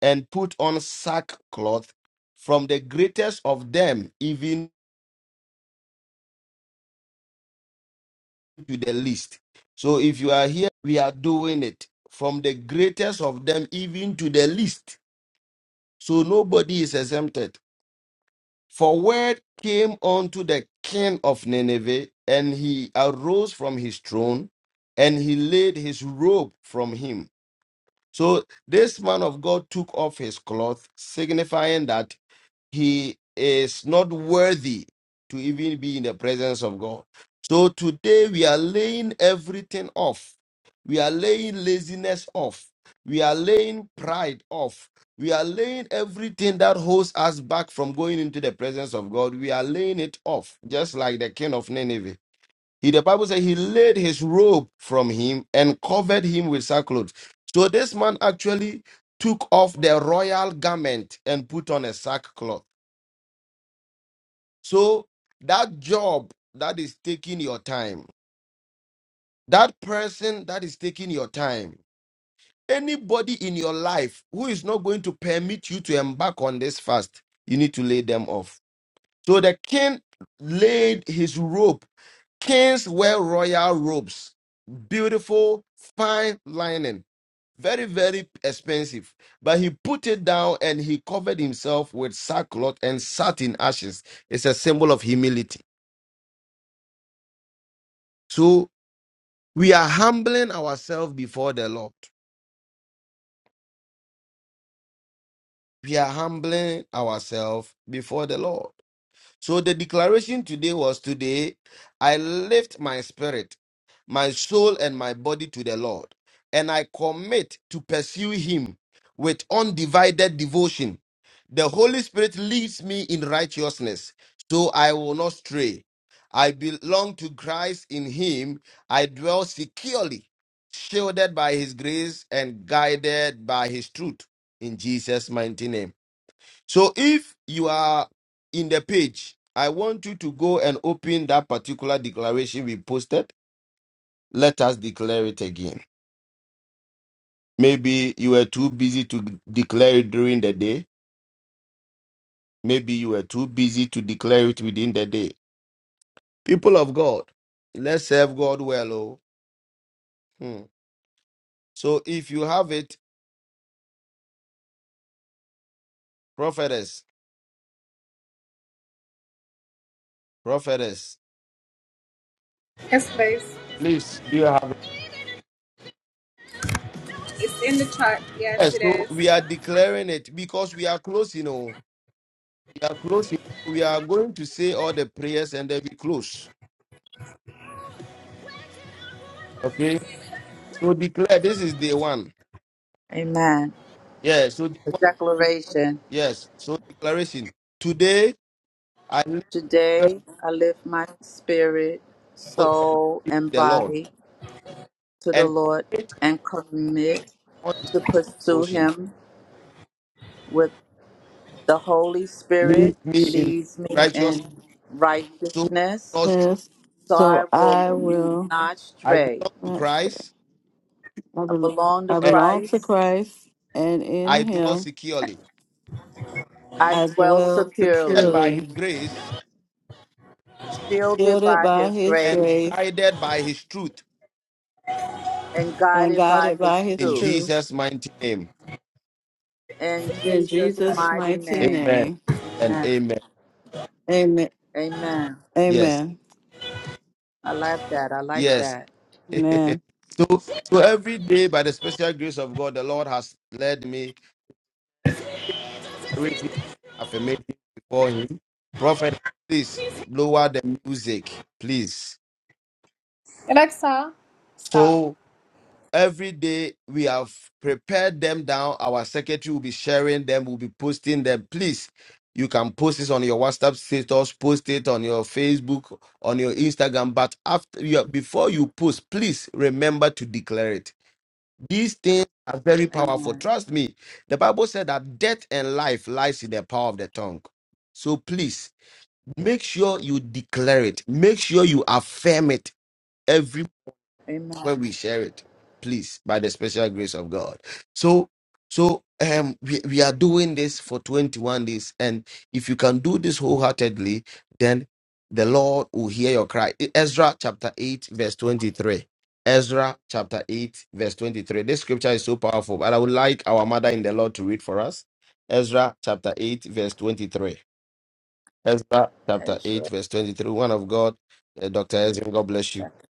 Speaker 2: and put on sackcloth from the greatest of them, even to the least. So if you are here, we are doing it from the greatest of them even to the least. So nobody is exempted. For word came unto the king of Nineveh, and he arose from his throne, and he laid his robe from him. So this man of God took off his cloth, signifying that he is not worthy to even be in the presence of God. So today we are laying everything off. We are laying laziness off. We are laying pride off. We are laying everything that holds us back from going into the presence of God. We are laying it off, just like the king of Nineveh. He, the Bible said he laid his robe from him and covered him with sackcloth. So this man actually took off the royal garment and put on a sackcloth. So that job that is taking your time, that person that is taking your time, anybody in your life who is not going to permit you to embark on this fast, you need to lay them off. So the king laid his robe. Kings wear royal robes, beautiful, fine lining, very, very expensive. But he put it down and he covered himself with sackcloth and sat in ashes. It's a symbol of humility. So. We are humbling ourselves before the Lord. We are humbling ourselves before the Lord. So the declaration today was today, I lift my spirit, my soul, and my body to the Lord, and I commit to pursue him with undivided devotion. The Holy Spirit leads me in righteousness, so I will not stray. I belong to Christ in him. I dwell securely, shielded by his grace and guided by his truth. In Jesus' mighty name. So if you are in the page, I want you to go and open that particular declaration we posted. Let us declare it again. Maybe you were too busy to declare it during the day. Maybe you were too busy to declare it within the day. People of God, let's serve God well. Oh. Hmm. So if you have it, prophetess, prophetess, please, do you have it? Yes, so we are declaring it because we are close, you know. we are closing. We are going to say all the prayers and then we close. Okay. So declare this is day one.
Speaker 4: Amen.
Speaker 2: Yeah. So day
Speaker 4: The
Speaker 2: one.
Speaker 4: declaration.
Speaker 2: yes. So declaration. Today I live
Speaker 4: Today
Speaker 2: faithful
Speaker 4: I lift my spirit,
Speaker 2: to
Speaker 4: soul, and
Speaker 2: the Lord
Speaker 4: body to the
Speaker 2: and
Speaker 4: Lord
Speaker 2: commit
Speaker 4: and commit
Speaker 2: all
Speaker 4: to pursue
Speaker 2: devotion.
Speaker 4: him with the Holy
Speaker 2: Lead
Speaker 4: Spirit
Speaker 2: me in
Speaker 4: leads me in
Speaker 2: righteousness. So
Speaker 4: righteousness,
Speaker 2: God's truth.
Speaker 3: Yes.
Speaker 4: so
Speaker 3: So
Speaker 4: I will
Speaker 3: I will
Speaker 4: not
Speaker 2: I
Speaker 4: stray.
Speaker 2: belong to
Speaker 3: not stray.
Speaker 2: Christ
Speaker 3: I,
Speaker 4: I
Speaker 3: bel
Speaker 4: belong to
Speaker 3: I
Speaker 2: and
Speaker 3: belong to
Speaker 4: Christ.
Speaker 3: Christ and in
Speaker 2: I dwell
Speaker 3: Him.
Speaker 2: securely,
Speaker 4: I
Speaker 3: I
Speaker 4: dwell
Speaker 3: dwell
Speaker 2: led
Speaker 4: securely,
Speaker 2: by His
Speaker 3: securely,
Speaker 2: grace
Speaker 4: shielded
Speaker 3: shielded
Speaker 4: by
Speaker 3: by
Speaker 4: his
Speaker 3: his
Speaker 2: and
Speaker 4: grace
Speaker 3: grace
Speaker 2: guided by His truth.
Speaker 4: and
Speaker 3: and
Speaker 4: guided by
Speaker 3: guided by
Speaker 4: his
Speaker 3: his
Speaker 2: In
Speaker 4: truth.
Speaker 3: truth.
Speaker 2: Jesus' mighty name,
Speaker 4: In
Speaker 3: In
Speaker 4: Jesus'
Speaker 3: Jesus'
Speaker 4: mighty
Speaker 3: mighty
Speaker 4: name.
Speaker 2: Amen
Speaker 3: name.
Speaker 2: and
Speaker 4: Amen.
Speaker 2: Amen.
Speaker 3: Amen.
Speaker 4: Amen.
Speaker 2: Yes.
Speaker 3: Amen.
Speaker 4: I like that. I like
Speaker 2: Yes.
Speaker 4: that.
Speaker 3: Amen.
Speaker 2: so, so every day, by the special grace of God, the Lord has led me
Speaker 1: It is in
Speaker 2: reading
Speaker 1: this
Speaker 2: affirmation before Him. Prophet, please lower the music, please. So every day we have prepared them down. Our secretary will be sharing them. We'll be posting them. Please, you can post this on your WhatsApp status, post it on your Facebook, on your Instagram. But after you, before you post, please remember to declare it These things are very powerful.
Speaker 4: Amen.
Speaker 2: Trust me. The Bible said that death and life lies in the power of the tongue. So please make sure you declare it. Make sure you affirm it every when
Speaker 4: Amen.
Speaker 2: we share it, please, by the special grace of God. So, so um, we, we are doing this for 21 days, and if you can do this wholeheartedly, then the Lord will hear your cry. E- Ezra chapter 8, verse 23. Ezra chapter 8, verse 23. This scripture is so powerful, but I would like our mother in the Lord to read for us. Ezra chapter 8, verse 23. Ezra chapter 8,
Speaker 4: Ezra
Speaker 2: verse 23. One of God, uh, Dr. Ezra, God bless you.
Speaker 4: chapter,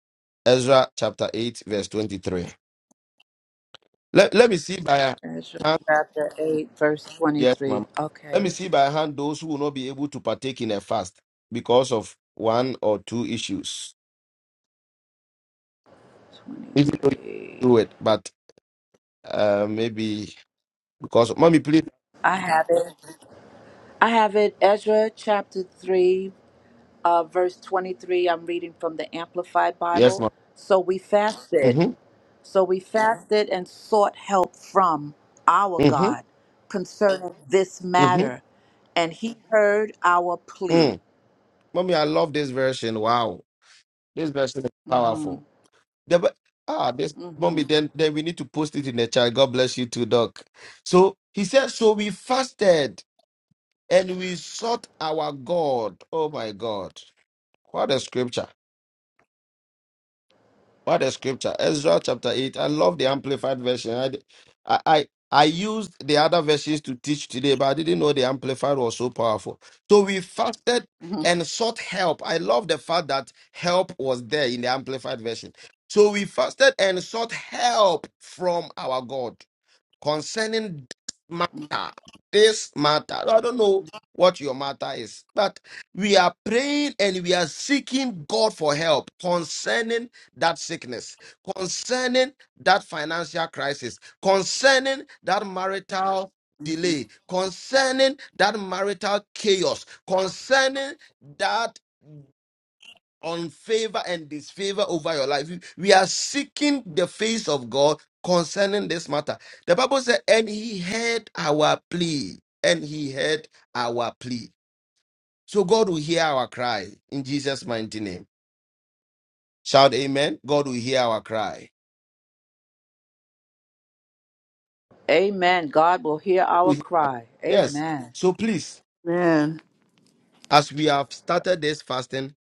Speaker 2: Ezra chapter 8, verse 23. Let, let me see by a
Speaker 4: Ezra
Speaker 2: hand.
Speaker 4: chapter 8, verse
Speaker 2: Yes,
Speaker 4: 23.
Speaker 2: Mama. Let me
Speaker 4: Okay.
Speaker 2: see by a hand those who will not be able to partake in a fast because of one or two issues. If you don't
Speaker 4: 23.
Speaker 2: do it, but uh, maybe because mommy, please.
Speaker 4: I have it. I have it. Ezra chapter 3, uh, verse 23. I'm reading from the Amplified
Speaker 2: Yes,
Speaker 4: Bible.
Speaker 2: ma'am.
Speaker 4: So we fasted.
Speaker 2: Mm-hmm.
Speaker 4: So we fasted and sought help from our
Speaker 2: Mm-hmm.
Speaker 4: God concerning this
Speaker 2: Mm-hmm.
Speaker 4: matter. And he heard our plea.
Speaker 2: Mm. Mommy, I love this version. Wow, this version is
Speaker 4: mm hmm
Speaker 2: powerful. The, ver- ah, this
Speaker 4: hmm
Speaker 2: mommy. Then, then we need to post it in the chat. God bless you too, Doc. So he said. So we fasted and we sought our God. Oh my God. What a scripture. What a scripture. Ezra chapter 8. I love the amplified version. I, I, I I used the other versions to teach today, but I didn't know the amplified was so powerful. So we fasted
Speaker 4: hmm
Speaker 2: and sought help. I love the fact that help was there in the amplified version. So we fasted and sought help from our God concerning this matter. This matter. I don't know what your matter is, but we are praying and we are seeking God for help concerning that sickness, concerning that financial crisis, concerning that marital delay, concerning that marital chaos, concerning that on favor and disfavor over your life. We we are seeking the face of God concerning this matter. The Bible said, and he heard our plea, and he heard our plea. So God will hear our cry in Jesus' mighty name. Shout amen. God will hear our cry.
Speaker 4: Amen. God will hear our
Speaker 2: We-
Speaker 4: cry.
Speaker 2: Yes.
Speaker 4: Amen.
Speaker 2: So please,
Speaker 3: Amen.
Speaker 2: as we have started this fasting,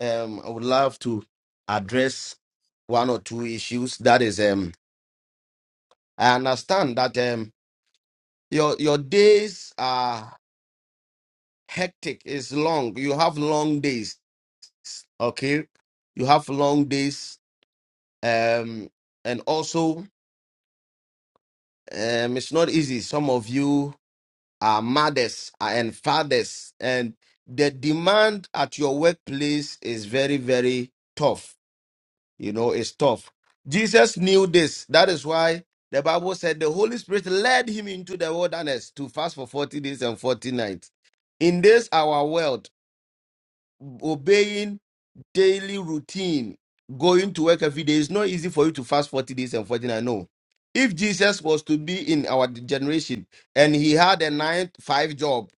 Speaker 2: um, I would love to address one or two issues. That is, um, I understand that. Um, your your days are hectic it's long you have long days okay you have long days um and also um it's not easy some of you are mothers and fathers and the demand at your workplace is very very tough you know it's tough jesus knew this that is why the bible said the holy spirit led him into the wilderness to fast for 40 days and 40 nights in this our world obeying daily routine, going to work every day, it's not easy for you to fast 40 days and 40 I know. If Jesus was to be in our generation and he had a nine to five job,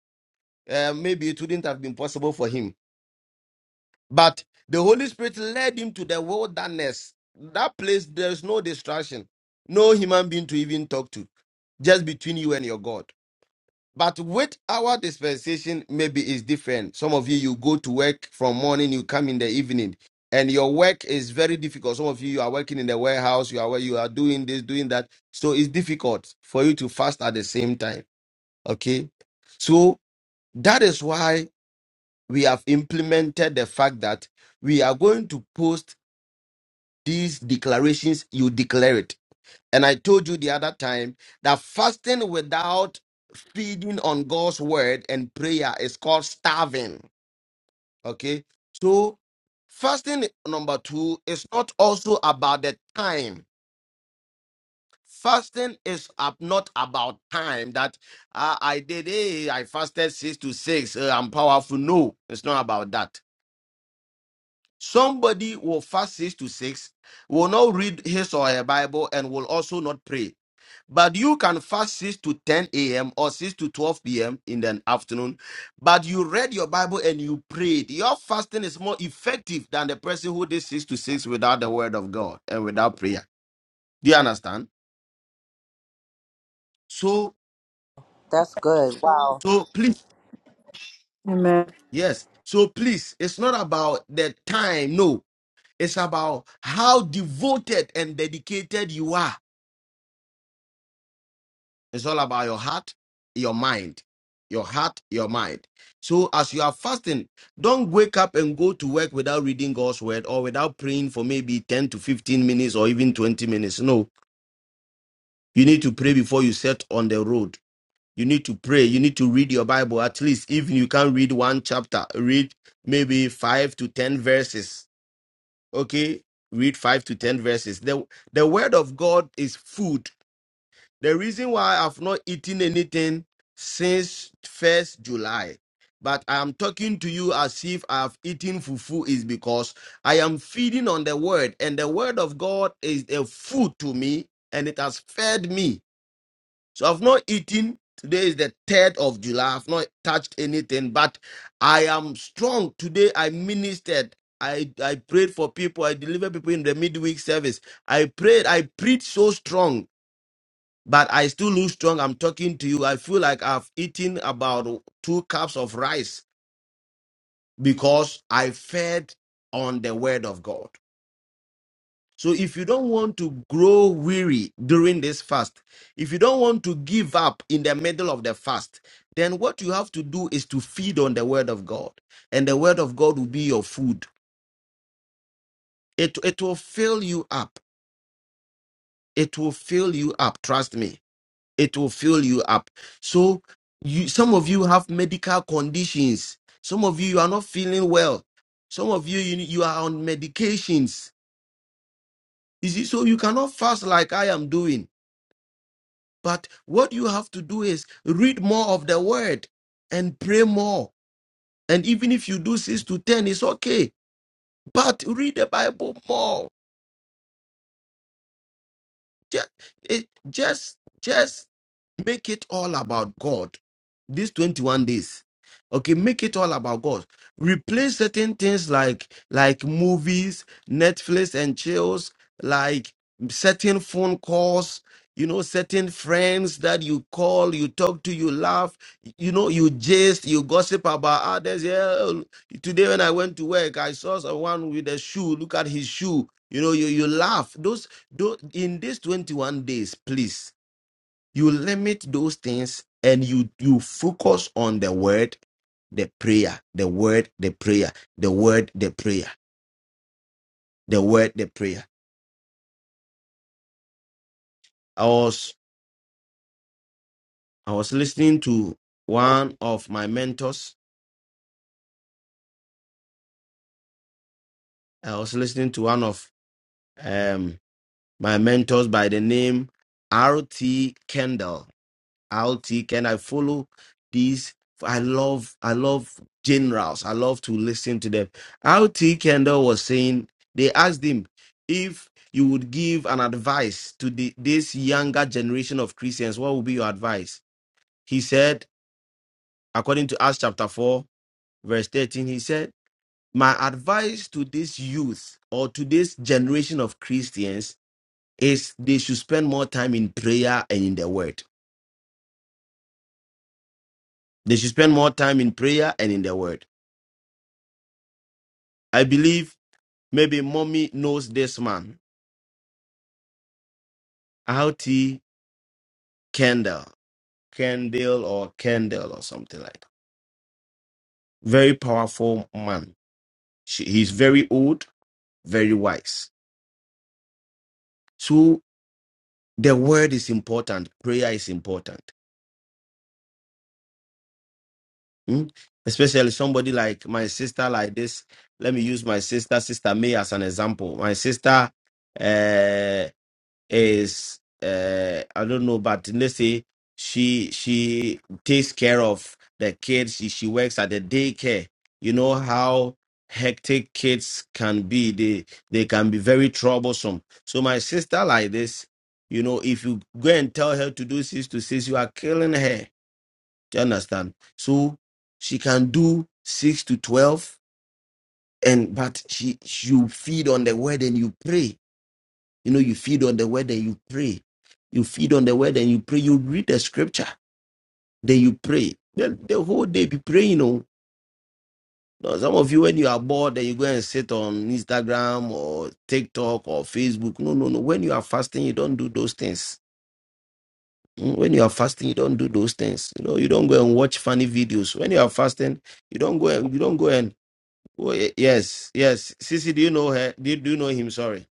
Speaker 2: uh, maybe it wouldn't have been possible for him. But the Holy Spirit led him to the wilderness. That place, there's no distraction, no human being to even talk to, just between you and your God. But with our dispensation, maybe it's different. Some of you, you go to work from morning, you come in the evening, and your work is very difficult. Some of you, you are working in the warehouse, you are you are doing this, doing that. So it's difficult for you to fast at the same time. Okay, so that is why we have implemented the fact that we are going to post these declarations. You declare it and I told you the other time that fasting without feeding on God's word and prayer is called starving. Okay. So, fasting number two is not also about the time. Fasting is ab- not about time that uh, I did, hey, I fasted six to six, uh, I'm powerful. No, it's not about that. Somebody will fast six to six, will not read his or her Bible, and will also not pray But you can fast 6 to 10 a.m. or 6 to 12 p.m. in the afternoon. But you read your Bible and you prayed. Your fasting is more effective than the person who did 6 to 6 without the word of God and without prayer. Do you understand? So,
Speaker 4: That's good. Wow.
Speaker 2: so please,
Speaker 3: Amen.
Speaker 2: yes. So please, it's not about the time. No, it's about how devoted and dedicated you are It's all about your heart, your mind. Your heart, your mind. So as you are fasting, don't wake up and go to work without reading God's word or without praying for maybe 10 to 15 minutes or even 20 minutes. No, you need to pray before you set on the road. You need to pray. You need to read your Bible. At least, even you can read one chapter, read maybe five to 10 verses. Okay? Read five to 10 verses. The, the word of God is food the reason why I've not eaten anything since 1st July, but I'm talking to you as if I've eaten fufu is because I am feeding on the word, and the word of God is a food to me, and it has fed me. So I've not eaten. Today is the 3rd of July. I've not touched anything, but I am strong. Today I ministered. I, I prayed for people. I delivered people in the midweek service. I prayed. I preached so strong but I still look strong. I'm talking to you. I feel like I've eaten about two cups of rice because I fed on the word of God. So if you don't want to grow weary during this fast, if you don't want to give up in the middle of the fast, then what you have to do is to feed on the word of God. And the word of God will be your food. It, it will fill you up. It will fill you up. Trust me. it will fill you up so you some of you have medical conditions some of you you are not feeling well some of you you, you are on medications you see so you cannot fast like i am doing but what you have to do is read more of the word and pray more and even if you do 6 to 10 it's okay but read the bible more just, just just Make it all about God. These 21 days. Okay, make it all about God. Replace certain things like like movies, Netflix and chills, like certain phone calls, you know, certain friends that you call, you talk to, you laugh, you know, you jest, you gossip about others. Yeah, oh, today when I went to work, I saw someone with a shoe. Look at his shoe. You know, you you laugh. Those, those in these 21 days, please you limit those things and you you focus on the word, the prayer, the word, the prayer, the word, the prayer, the word, the prayer. I was I was listening to one of my mentors. I was listening to one of um my mentors by the name R.T. Kendall. i can I follow these. I love I love generals. I love to listen to them. LT Kendall was saying they asked him if you would give an advice to the, this younger generation of Christians, what would be your advice? He said, according to Acts chapter 4, verse 13, he said, My advice to this youth or to this generation of Christians is they should spend more time in prayer and in the word. They should spend more time in prayer and in the word I believe maybe mommy knows this man, L T. Kendall, Kendall or Kendall or something like that. Very powerful man. She, he's very old, very wise. So the word is important. Prayer is important. Hmm? Especially somebody like my sister, like this. Let me use my sister, Sister May, as an example. My sister, uh, is uh I don't know, but let's say she she takes care of the kids. She, she works at the daycare. You know how hectic kids can be. They they can be very troublesome. So my sister like this, you know, if you go and tell her to do six to six, you are killing her. Do you understand? So she can do six to twelve, and but she you feed on the word and you pray you know, you feed on the word and you pray. You feed on the word and you pray. You read the scripture, then you pray. Then the whole day be praying. You know, now, some of you when you are bored, then you go and sit on Instagram or TikTok or Facebook. No, no, no. When you are fasting, you don't do those things. Mm, When you are fasting, you don't do those things. You know, you don't go and watch funny videos. When you are fasting, you don't go and you don't go and. Oh, y- yes, yes. Sissy, do you know her? Do you, do you know him? Sorry.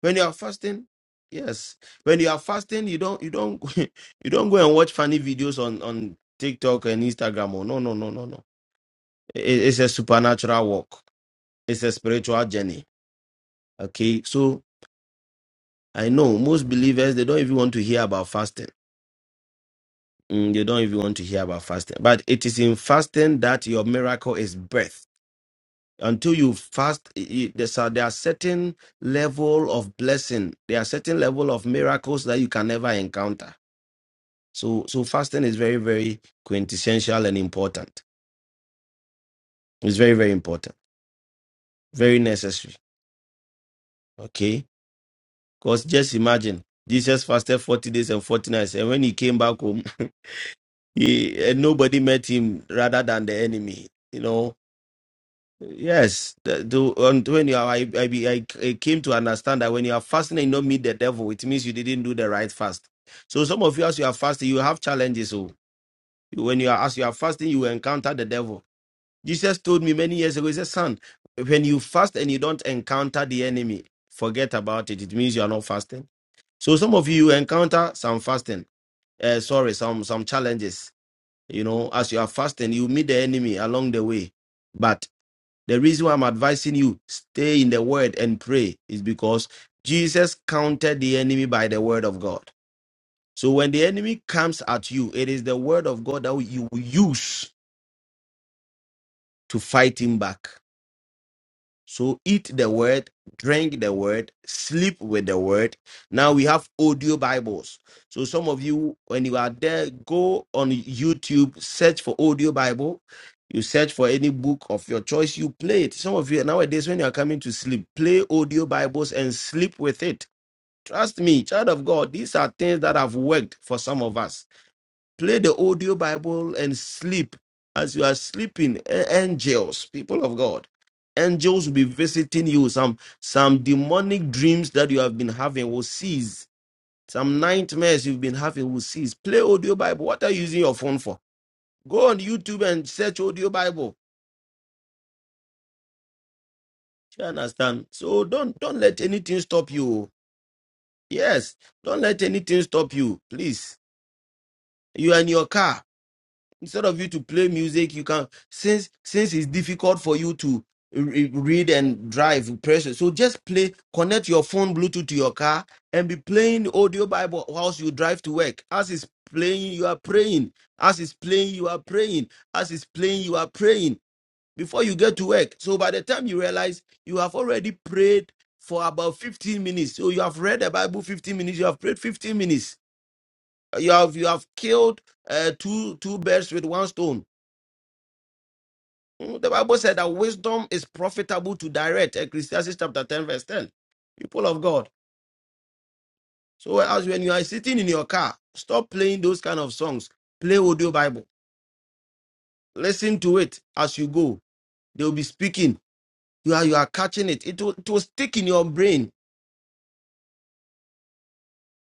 Speaker 2: when you are fasting yes when you are fasting you don't you don't you don't go and watch funny videos on on tiktok and instagram or no no no no no it, it's a supernatural walk it's a spiritual journey okay so i know most believers they don't even want to hear about fasting Mm, they don't even want to hear about fasting but it is in fasting that your miracle is birth until you fast i- i- there's a, there are certain level of blessing there are certain level of miracles that you can never encounter So, so fasting is very, very quintessential and important. It's very, very important, very necessary. Okay, because just imagine Jesus fasted forty days and forty nights, and when he came back home, he, and nobody met him rather than the enemy. You know, yes. The, the, and when you are, I, I, be- I, I came to understand that when you are fasting and you don't meet the devil, it means you didn't do the right fast. So some of you, as you are fasting, you have challenges. So when you are as you are fasting, you encounter the devil Jesus told me many years ago, He said, Son, when you fast and you don't encounter the enemy, forget about it. It means you are not fasting. So some of you encounter some fasting, uh, sorry, some some challenges. You know, as you are fasting, you meet the enemy along the way. But the reason why I'm advising you stay in the word and pray is because Jesus countered the enemy by the word of God. So when the enemy comes at you, it is the word of God that you will use to fight him back. So eat the word, drink the word, sleep with the word. Now we have audio Bibles. So some of you, when you are there, go on YouTube, search for audio Bible. You search for any book of your choice, you play it. Some of you nowadays, when you are coming to sleep, play audio Bibles and sleep with it. Trust me, child of God, these are things that have worked for some of us. Play the audio Bible and sleep. As you are sleeping, a- angels, people of God, angels will be visiting you. Some some demonic dreams that you have been having will cease. Some nightmares you've been having will cease. Play audio Bible. What are you using your phone for? Go on YouTube and search audio Bible. Do You understand? So don't don't let anything stop you. Yes, don't let anything stop you. Please, you are in your car. instead of you to play music you can since since it's difficult for you to re- read and drive pressure so just play connect your phone bluetooth to your car and be playing audio bible whilst you drive to work as it's playing you are praying as it's playing you are praying as it's playing you are praying before you get to work so by the time you realize you have already prayed for about 15 minutes so you have read the bible 15 minutes you have prayed 15 minutes you have you have killed uh, two two birds with one stone Mm, The Bible said that wisdom is profitable to direct. Ecclesiastes chapter 10, verse 10. People of God. So as when you are sitting in your car, stop playing those kind of songs. Play audio Bible. Listen to it as you go. They'll be speaking. You are you are catching it. It will, it will stick in your brain.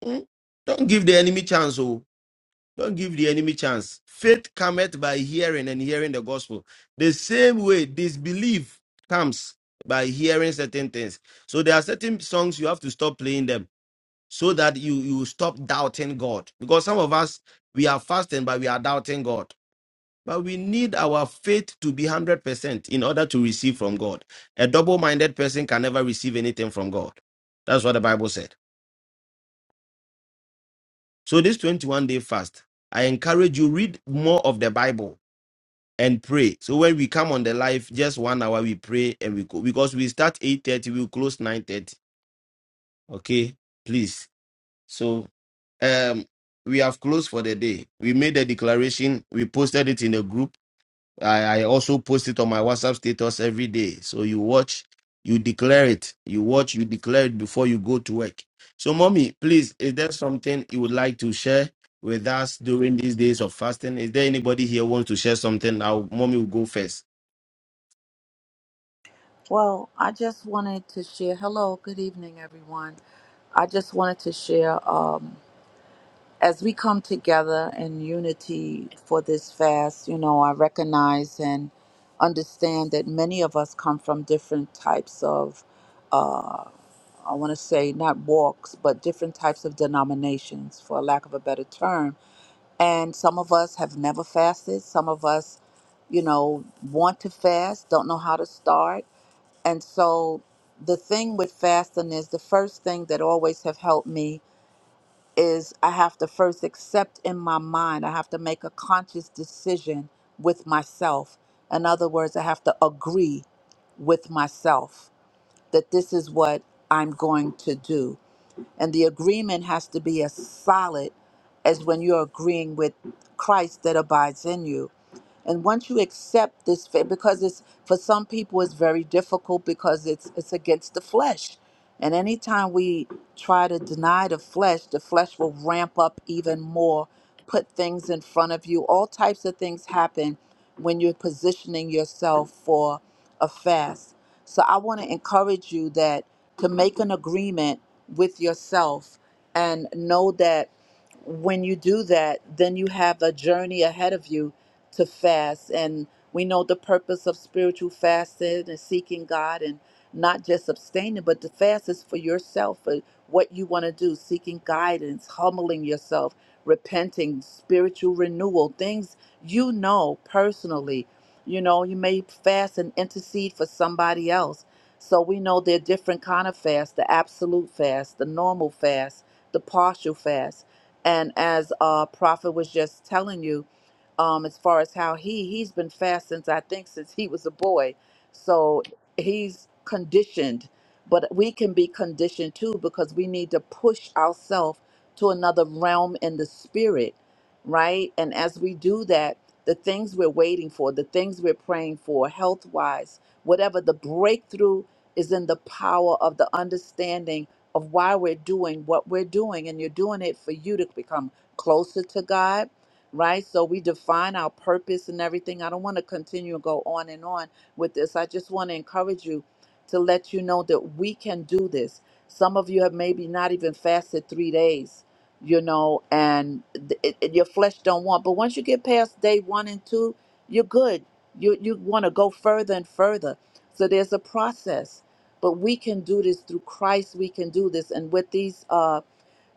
Speaker 2: Mm, Don't give the enemy chance. Oh. Don't give the enemy chance. Faith cometh by hearing and hearing the gospel. The same way disbelief comes by hearing certain things. So there are certain songs you have to stop playing them so that you you stop doubting God. Because some of us we are fasting but we are doubting God. But we need our faith to be 100% in order to receive from God. A double-minded person can never receive anything from God. That's what the Bible said. So this 21 day fast, I encourage you read more of the Bible and pray. So when we come on the live, just one hour we pray and we go because we start eight thirty, we will close nine thirty. Okay, please. So um, we have closed for the day. We made a declaration. We posted it in the group. I, I also post it on my WhatsApp status every day. So you watch, you declare it. You watch, you declare it before you go to work. So, mommy, please, is there something you would like to share with us during these days of fasting? Is there anybody here who wants to share something? Now, mommy will go first.
Speaker 4: Well, I just wanted to share. Hello, good evening, everyone. I just wanted to share um, as we come together in unity for this fast, you know, I recognize and understand that many of us come from different types of, uh, I want to say, not walks, but different types of denominations, for lack of a better term. And some of us have never fasted. Some of us, you know, want to fast, don't know how to start and so the thing with fasting is the first thing that always have helped me is I have to first accept in my mind, I have to make a conscious decision with myself. In other words, I have to agree with myself that this is what I'm going to do. And the agreement has to be as solid as when you're agreeing with Christ that abides in you and once you accept this fa- because it's for some people it's very difficult because it's it's against the flesh and anytime we try to deny the flesh the flesh will ramp up even more put things in front of you all types of things happen when you're positioning yourself for a fast so i want to encourage you that to make an agreement with yourself and know that when you do that then you have a journey ahead of you to fast. And we know the purpose of spiritual fasting and seeking God and not just abstaining, but the fast is for yourself, for what you want to do, seeking guidance, humbling yourself, repenting, spiritual renewal, things you know personally. You know, you may fast and intercede for somebody else. So we know there are different kind of fasts, the absolute fast, the normal fast, the partial fast. And as uh prophet was just telling you, um, as far as how he he's been fast since I think since he was a boy, so he's conditioned. But we can be conditioned too because we need to push ourselves to another realm in the spirit, right? And as we do that, the things we're waiting for, the things we're praying for, health wise, whatever the breakthrough is in the power of the understanding of why we're doing what we're doing, and you're doing it for you to become closer to God right? So we define our purpose and everything. I don't want to continue and go on and on with this. I just want to encourage you to let you know that we can do this. Some of you have maybe not even fasted three days, you know, and th- it, it- your flesh don't want. But once you get past day one and two, you're good. You you want to go further and further. So there's a process, but we can do this through Christ. We can do this, and with these. Uh,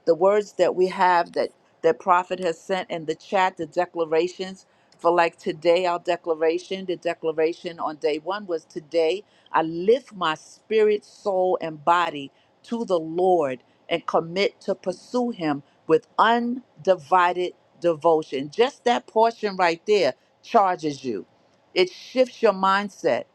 Speaker 4: the words that we have that that prophet has sent in the chat the declarations for like today our declaration the declaration on day one was today i lift my spirit soul and body to the lord and commit to pursue him with undivided devotion just that portion right there charges you it shifts your mindset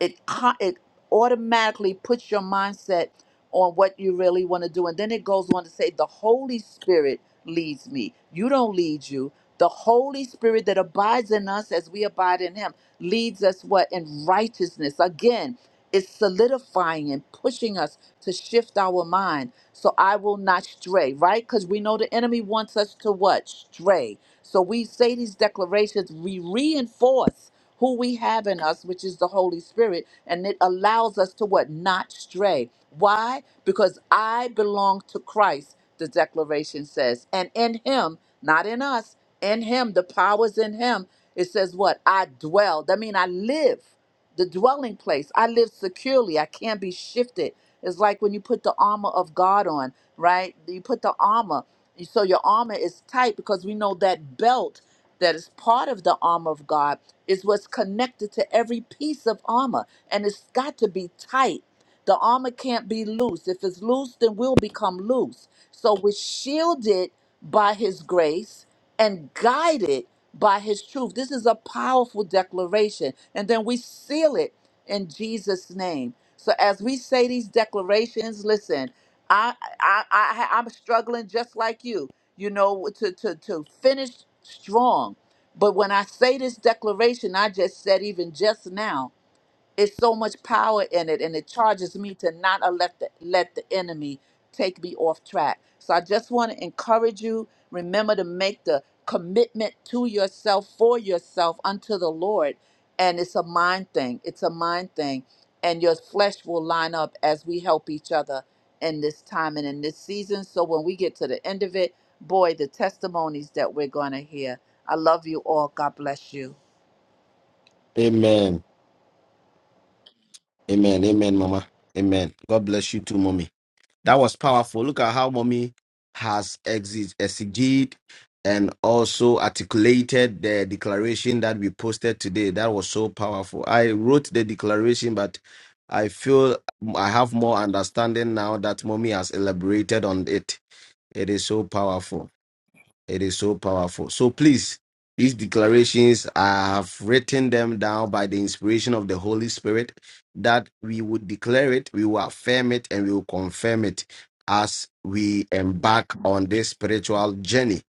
Speaker 4: it co- it automatically puts your mindset on what you really want to do and then it goes on to say the holy spirit leads me you don't lead you the holy spirit that abides in us as we abide in him leads us what in righteousness again it's solidifying and pushing us to shift our mind so i will not stray right because we know the enemy wants us to what stray so we say these declarations we reinforce who we have in us, which is the Holy Spirit, and it allows us to what? Not stray. Why? Because I belong to Christ, the declaration says. And in him, not in us, in him, the power's in him. It says what? I dwell. That means I live the dwelling place. I live securely. I can't be shifted. It's like when you put the armor of God on, right? You put the armor, so your armor is tight because we know that belt that is part of the armor of God is what's connected to every piece of armor, and it's got to be tight. The armor can't be loose. If it's loose, then we'll become loose. So we're shielded by His grace and guided by his truth. This is a powerful declaration. And then we seal it in Jesus' name. So as we say these declarations, listen, I I, I I'm struggling just like you, you know, to to to finish strong. But when I say this declaration, I just said even just now, it's so much power in it and it charges me to not a- let the, let the enemy take me off track so i just want to encourage you remember to make the commitment to yourself for yourself unto the lord and it's a mind thing it's a mind thing and your flesh will line up as we help each other in this time and in this season so when we get to the end of it boy the testimonies that we're going to hear i love you all god bless you
Speaker 2: Amen. Amen. Amen, Mama. Amen. God bless you too, Mommy. That was powerful. Look at how Mommy has exeg- exegeted and also articulated the declaration that we posted today. That was so powerful. I wrote the declaration, but I feel I have more understanding now that Mommy has elaborated on it. It is so powerful. It is so powerful. So please, these declarations, I have written them down by the inspiration of the Holy Spirit that we would declare it, we will affirm it, and we will confirm it as we embark on this spiritual journey.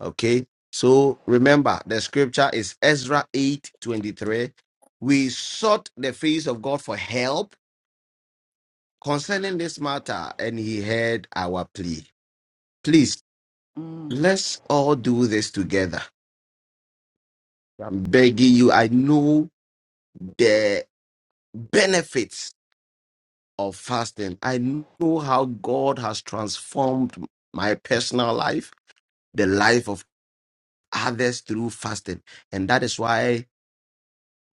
Speaker 2: Okay. So remember, the scripture is Ezra eight twenty three. We sought the face of God for help concerning this matter, and he heard our plea. Please,
Speaker 4: Mm,
Speaker 2: let's all do this together I'm begging you. I know the benefits of fasting. I know how God has transformed my personal life, the life of others through fasting. And that is why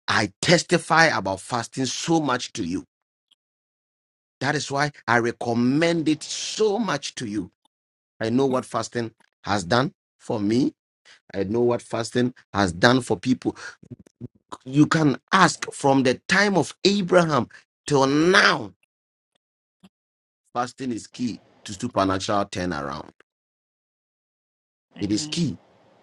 Speaker 2: I testify about fasting so much to you. That is why I recommend it so much to you. I know what fasting has done for me. I know what fasting has done for people. You can ask from the time of Abraham till now Fasting is key to supernatural turnaround. It is
Speaker 4: amen
Speaker 2: key.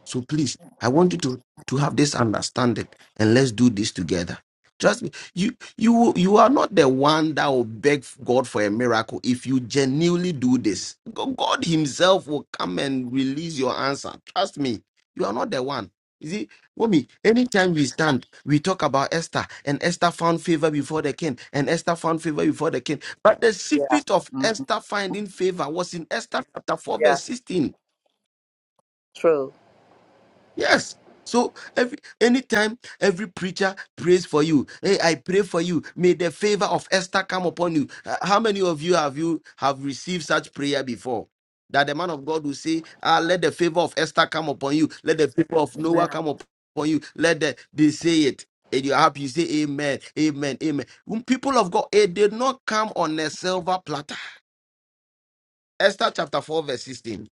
Speaker 2: So please, I want you to to have this understanding and let's do this together. Trust me, you you you are not the one that will beg God for a miracle if you genuinely do this. Go- God Himself will come and release your answer. Trust me, you are not the one. You see, Mommy, anytime we stand, we talk about Esther, and Esther found favor before the king, and Esther found favor before the king. But the secret of
Speaker 4: Mm,
Speaker 2: Esther finding favor was in Esther chapter 4, verse 16.
Speaker 4: true
Speaker 2: Yes. So every anytime every preacher prays for you, hey, I pray for you. May the favor of Esther come upon you. Uh, How many of you have you have received such prayer before? That the man of God will say, Ah, let the favor of Esther come upon you. Let the favor of Noah come upon you. Let the they say it. And you happy, you say amen, amen, amen. When people of God, it did not come on a silver platter. Esther chapter 4, verse 16.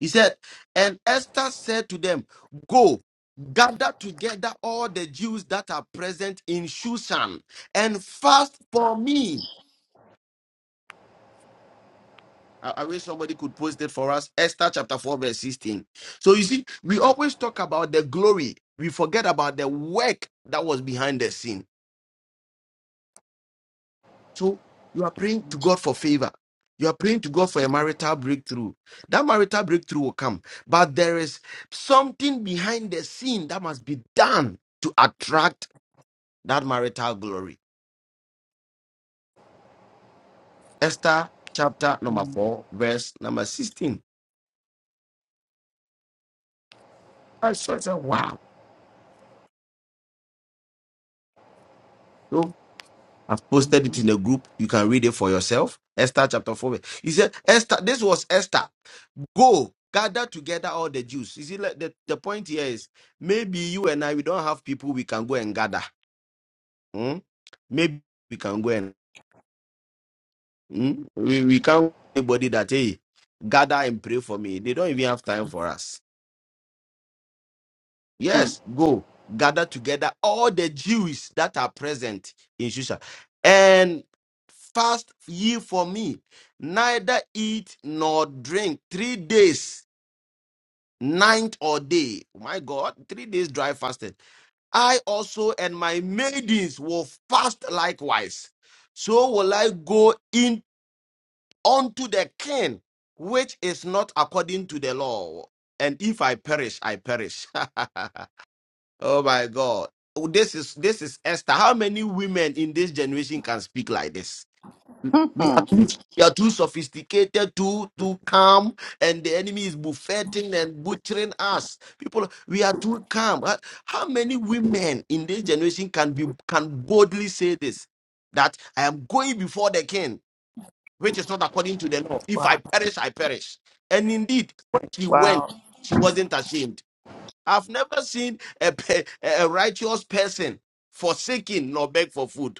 Speaker 2: He said, And Esther said to them, Go, gather together all the Jews that are present in Shushan and fast for me. I, I wish somebody could post it for us. Esther chapter 4, verse 16. So you see, we always talk about the glory, we forget about the work that was behind the scene. So you are praying to God for favor. You are praying to God for a marital breakthrough. That marital breakthrough will come. But there is something behind the scene that must be done to attract that marital glory. Esther chapter number
Speaker 4: Mm,
Speaker 2: 4, verse number 16. I saw it, I said, wow. So I've posted it in the group. You can read it for yourself. Esther chapter 4. He said, Esther, this was Esther. Go gather together all the Jews. You see, like, the, the point here is maybe you and I we don't have people we can go and gather. Hmm? Maybe we can go and hmm? we, we can't anybody that hey gather and pray for me. They don't even have time for us.
Speaker 4: mm,
Speaker 2: Yes, go gather together all the Jews that are present in Shusha and fast ye for me, neither eat nor drink three days, night or day. My God, three days dry fasted I also and my maidens will fast likewise. So will I go in unto the king, which is not according to the law. And if I perish, I perish. oh my God. Oh, This is this is Esther. How many women in this generation can speak like this? We are
Speaker 4: mm.
Speaker 2: too, we are too sophisticated, too too calm, and the enemy is buffeting and butchering us. People, we are too calm. How how many women in this generation can be can boldly say this? That I am going before the king, which is not according to the law. If I
Speaker 4: Wow.
Speaker 2: perish, I perish. And indeed, when she went,
Speaker 4: Wow.
Speaker 2: she wasn't ashamed. I've never seen a, pe- a righteous person forsaken nor beg for food.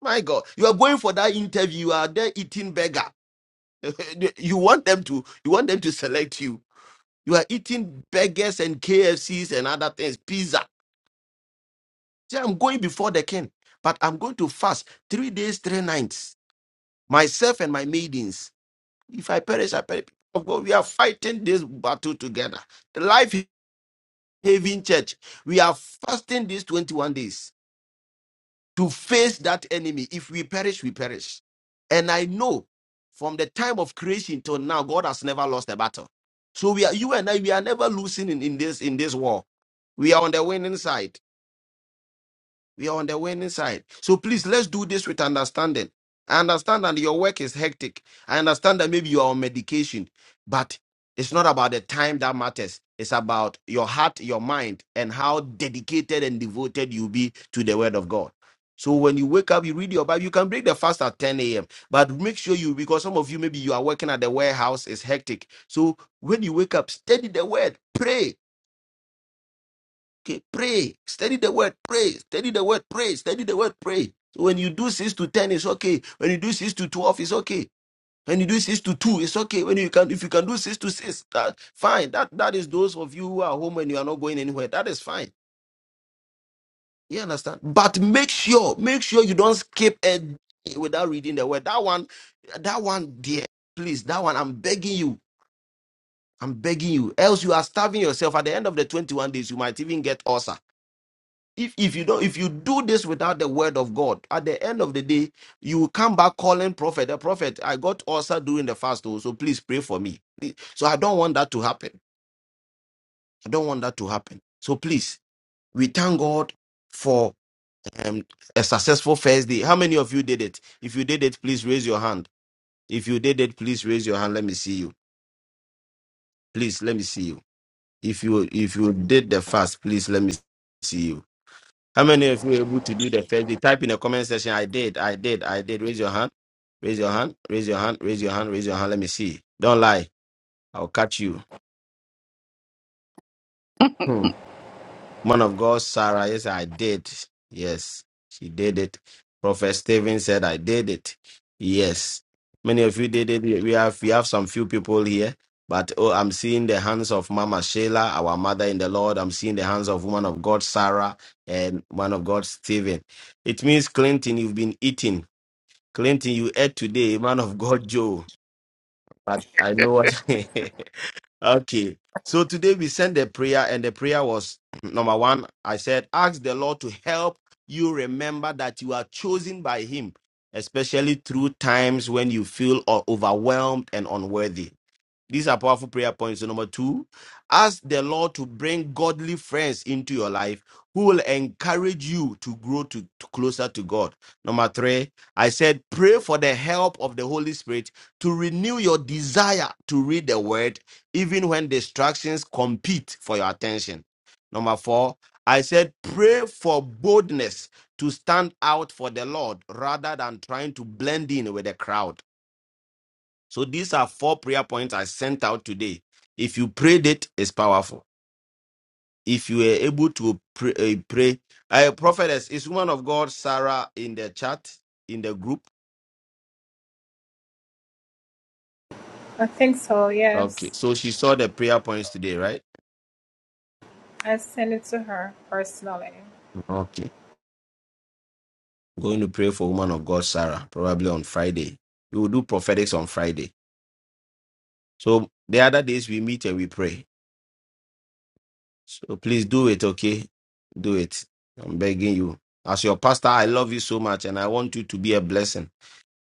Speaker 2: My God, you are going for that interview. You are there eating burger. you want them to. You want them to select you. You are eating burgers and KFCs and other things, pizza. See, I'm going before the king, but I'm going to fast three days, three nights, myself and my maidens. If I perish, I perish. Of God, we are fighting this battle together. The life having church. We are fasting these 21 days. to face that enemy. If we perish, we perish. And I know from the time of creation till now, God has never lost a battle. So we are you and I, we are never losing in, in this in this war. We are on the winning side. We are on the winning side. So please let's do this with understanding. I understand that your work is hectic. I understand that maybe you are on medication, but it's not about the time that matters. It's about your heart, your mind, and how dedicated and devoted you be to the word of God. So when you wake up, you read your Bible. You can break the fast at 10 a.m. But make sure you, because some of you maybe you are working at the warehouse, it's hectic. So when you wake up, study the word, pray, Okay, pray. Study the word, pray. Study the word, pray. Study the word, pray. So when you do 6 to 10, it's okay. When you do 6 to 12, it's okay. When you do 6 to 2, it's okay. When you can if you can do 6 to 6, that fine. That that is those of you who are home and you are not going anywhere. That is fine. You understand? But make sure, make sure you don't skip a day without reading the word. That one, that one, dear, please, that one, I'm begging you. I'm begging you. Else you are starving yourself. At the end of the 21 days, you might even get ulcer if if you don't if you do this without the word of god at the end of the day you will come back calling prophet the prophet i got ulcer during the fast oh, so please pray for me so i don't want that to happen i don't want that to happen so please we thank god for um, a successful first day how many of you did it if you did it please raise your hand if you did it please raise your hand let me see you please let me see you if you if you did the fast please let me see you How many of you were able to do the first day? Type in the comment section. I did, I did, I did. Raise your hand. Raise your hand. Raise your hand. Raise your hand. Raise your hand. Let me see. Don't lie. I'll catch you. Hmm. Man of God, Sarah. Yes, I did. Yes, she did it. Prophet Stephen said, I did it. Yes. Many of you did it. We have we have some few people here. But oh, I'm seeing the hands of Mama Sheila, our mother in the Lord. I'm seeing the hands of woman of God, Sarah, and man of God, Stephen. It means, Clinton, you've been eating. Clinton, you ate today, man of God, Joe. But I know what. okay. So today we sent a prayer, and the prayer was number one. I said, ask the Lord to help you remember that you are chosen by Him, especially through times when you feel o- overwhelmed and unworthy. These are powerful prayer points. So number two, ask the Lord to bring godly friends into your life who will encourage you to grow to, to closer to God. Number three, I said pray for the help of the Holy Spirit to renew your desire to read the Word, even when distractions compete for your attention. Number four, I said pray for boldness to stand out for the Lord rather than trying to blend in with the crowd. So these are four prayer points I sent out today. If you prayed it, it's powerful. If you were able to pray, uh, pray. Uh, prophetess is woman of God Sarah in the chat in the group. Okay, so she saw the prayer points today, right? Okay, going to pray for woman of God Sarah probably on Friday. We will do prophetics on Friday. So the other days we meet and we pray. So please do it, okay? Do it. I'm begging you. As your pastor, I love you so much and I want you to be a blessing.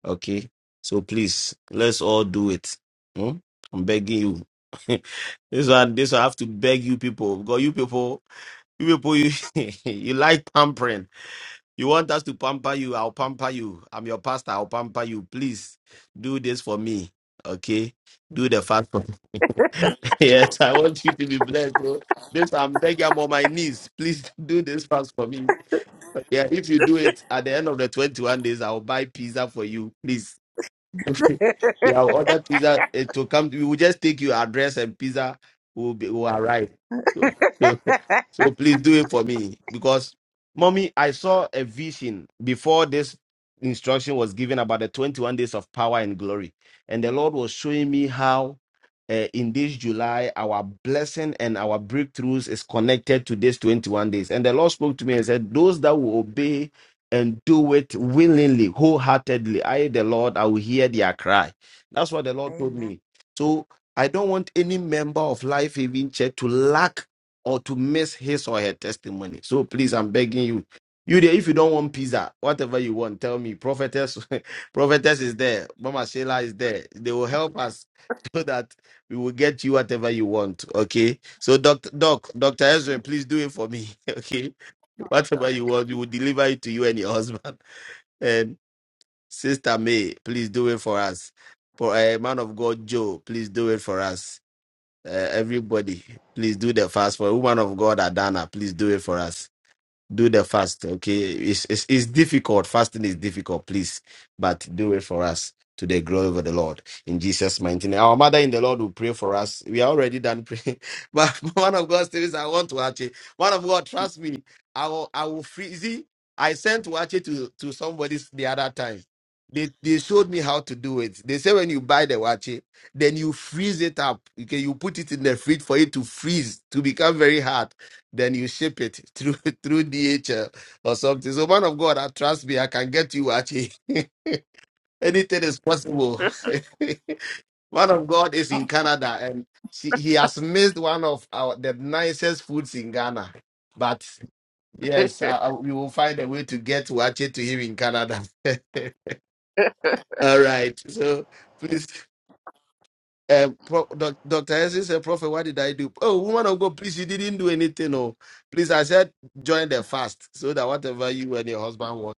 Speaker 2: Okay. So please, let's all do it. Hmm? I'm begging you. this one, this one, I have to beg you people. Because you people, you people, you, you like pampering. You want us to pamper you. I'll pamper you. I'm your pastor. I'll pamper you. Please do this for me. Okay. Do the fast for yes, I want you to be blessed. Bro. This I'm begging. I'm on my knees. Please do this fast for me. Yeah, if you do it at the end of the 21 days, I'll buy pizza for you. Please. you have ordered pizza eh, to come. We will just take your address and pizza will be will arrive. So, so, so please do it for me because, mommy, I saw a vision before this instruction was given about the 21 days of power and glory, and the Lord was showing me how. Uh, in this July, our blessing and our breakthroughs is connected to these 21 days. And the Lord spoke to me and said, Those that will obey and do it willingly, wholeheartedly. I, the Lord, I will hear their cry. That's what the Lord told
Speaker 4: Amen.
Speaker 2: me. So I don't want any member of Life Having Church to lack or to miss his or her testimony. So please, I'm begging you. You there, if you don't want pizza, whatever you want, tell me. Prophetess, prophetess is there. Mama Sheila is there. They will help us so that we will get you whatever you want. Okay. So Doctor Doc, Doctor Ezra, please do it for me. Okay Whatever you want, we will deliver it to you and your husband. And Sister May, please do it for us. For a man of God, Joe, please do it for us. Uh, everybody, please do the fast for woman of God, Adana, please do it for us do the fast okay it's, it's it's difficult fasting is difficult please but do it for us to the glory of the lord in jesus mighty name our mother in the lord will pray for us we are already done praying but one of god's things i want to actually one of god trust me i will i will free see i sent to actually to to somebody the other time they, they showed me how to do it. They say when you buy the wache, then you freeze it up. Okay, you put it in the fridge for it to freeze to become very hard then you ship it through through DHL or something. So, man of God, I trust me, I can get you actually. Anything is possible. man of God is in Canada and she, he has missed one of our the nicest foods in Ghana. But yes, I, I- we will find a way to get Wache to him in Canada. All right. So please Um, Pro- Doc- Dr. Henson said, Prophet, what did I do? Oh, woman of God, please, you didn't do anything. Oh, please, I said, join the fast so that whatever you and your husband want,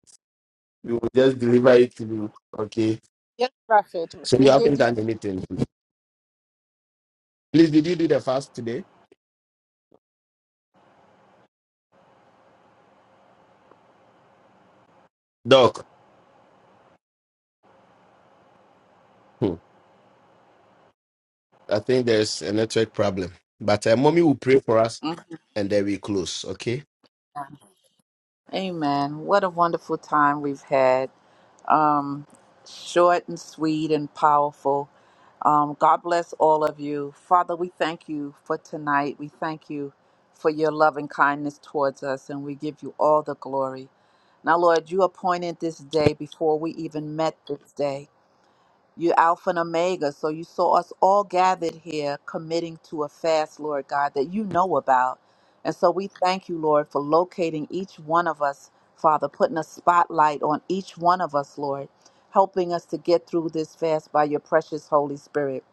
Speaker 2: we will just deliver it to you. Okay.
Speaker 5: Yes, Prophet.
Speaker 2: So you
Speaker 5: We
Speaker 2: haven't
Speaker 5: did
Speaker 2: done anything. Please, did you do the fast today? Doc, hmm, I think there's a network problem, but uh, mommy will pray for us
Speaker 4: Mm.
Speaker 2: and then we close. Okay.
Speaker 4: Amen. What a wonderful time we've had. Um, short and sweet and powerful. Um, God bless all of you. Father, we thank you for tonight. We thank you for your love and kindness towards us, and we give you all the glory. Now, Lord, you appointed this day before we even met this day. You Alpha and Omega. So you saw us all gathered here committing to a fast, Lord God, that you know about. And so we thank you, Lord, for locating each one of us, Father, putting a spotlight on each one of us, Lord, helping us to get through this fast by your precious Holy Spirit.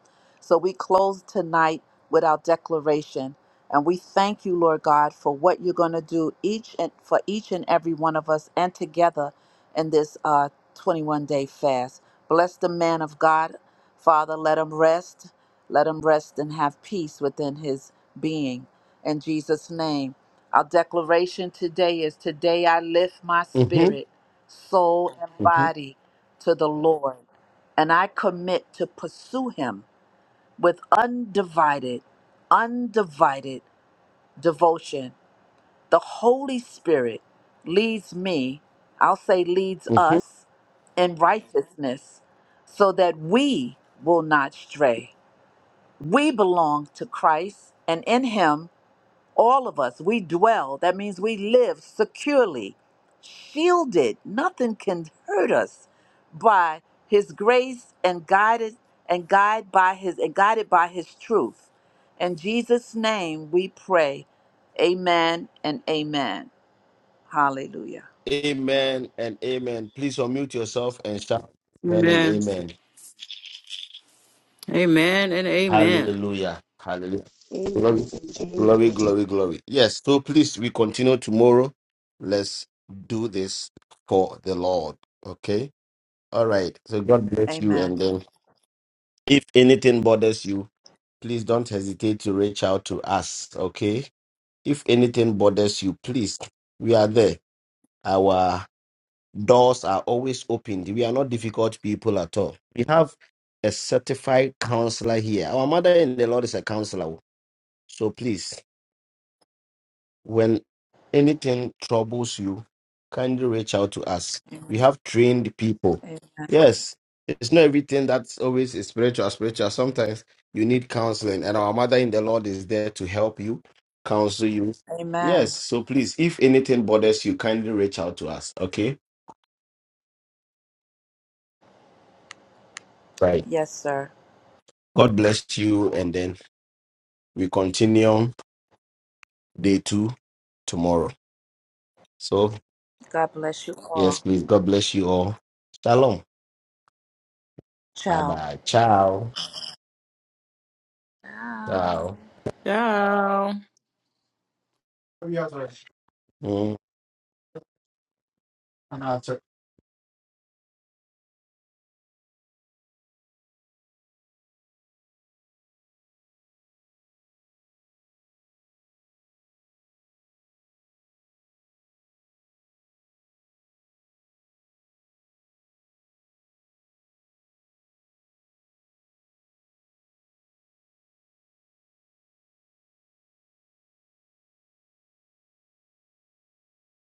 Speaker 4: So we close tonight with our declaration. And we thank you, Lord God, for what you're going to do each and for each and every one of us and together in this uh, 21 day fast. Bless the man of God. Father, let him rest. Let him rest and have peace within his being. In Jesus' name. Our declaration today is today I lift my
Speaker 2: Mm-hmm,
Speaker 4: spirit, soul, and
Speaker 2: mm-hmm,
Speaker 4: body to the Lord, and I commit to pursue him with undivided, undivided devotion the Holy Spirit leads me, I'll say leads
Speaker 2: mm-hmm.
Speaker 4: us in righteousness so that we will not stray. We belong to Christ and in Him, all of us, we dwell. That means we live securely, shielded. Nothing can hurt us by His grace and guided and guided by His and guided by His truth. In Jesus' name we pray. Amen and amen. Hallelujah.
Speaker 2: Amen and amen. Please unmute yourself and shout amen and
Speaker 3: Amen.
Speaker 2: amen.
Speaker 3: Amen and amen.
Speaker 2: Hallelujah. Hallelujah. Glory, glory, glory, glory. Yes, so please, we continue tomorrow. Let's do this for the Lord. Okay? All right. So God bless you.
Speaker 4: Amen.
Speaker 2: And then if anything bothers you, please don't hesitate to reach out to us. Okay? If anything bothers you, please, we are there. Our doors are always opened. We are not difficult people at all. We have a certified counselor here. Our mother in the Lord is a counselor. So please, when anything troubles you, kindly reach out to us. We have trained people.
Speaker 4: A-
Speaker 2: Yes, it's not everything that's always is spiritual, spiritual. Sometimes you need counseling, and our mother in the Lord is there to help you, counsel you.
Speaker 4: Amen.
Speaker 2: Yes, so please, if anything bothers you, kindly reach out to us. Okay? Right.
Speaker 4: Yes, sir.
Speaker 2: God bless you, and then we continue day two tomorrow. So,
Speaker 4: God bless you
Speaker 2: yes,
Speaker 4: all.
Speaker 2: please, God bless you all. Shalom. Bye
Speaker 4: Ciao.
Speaker 2: bye. Ciao.
Speaker 4: Ciao.
Speaker 2: Wow.
Speaker 3: Ciao.
Speaker 2: Have you ever- Mm.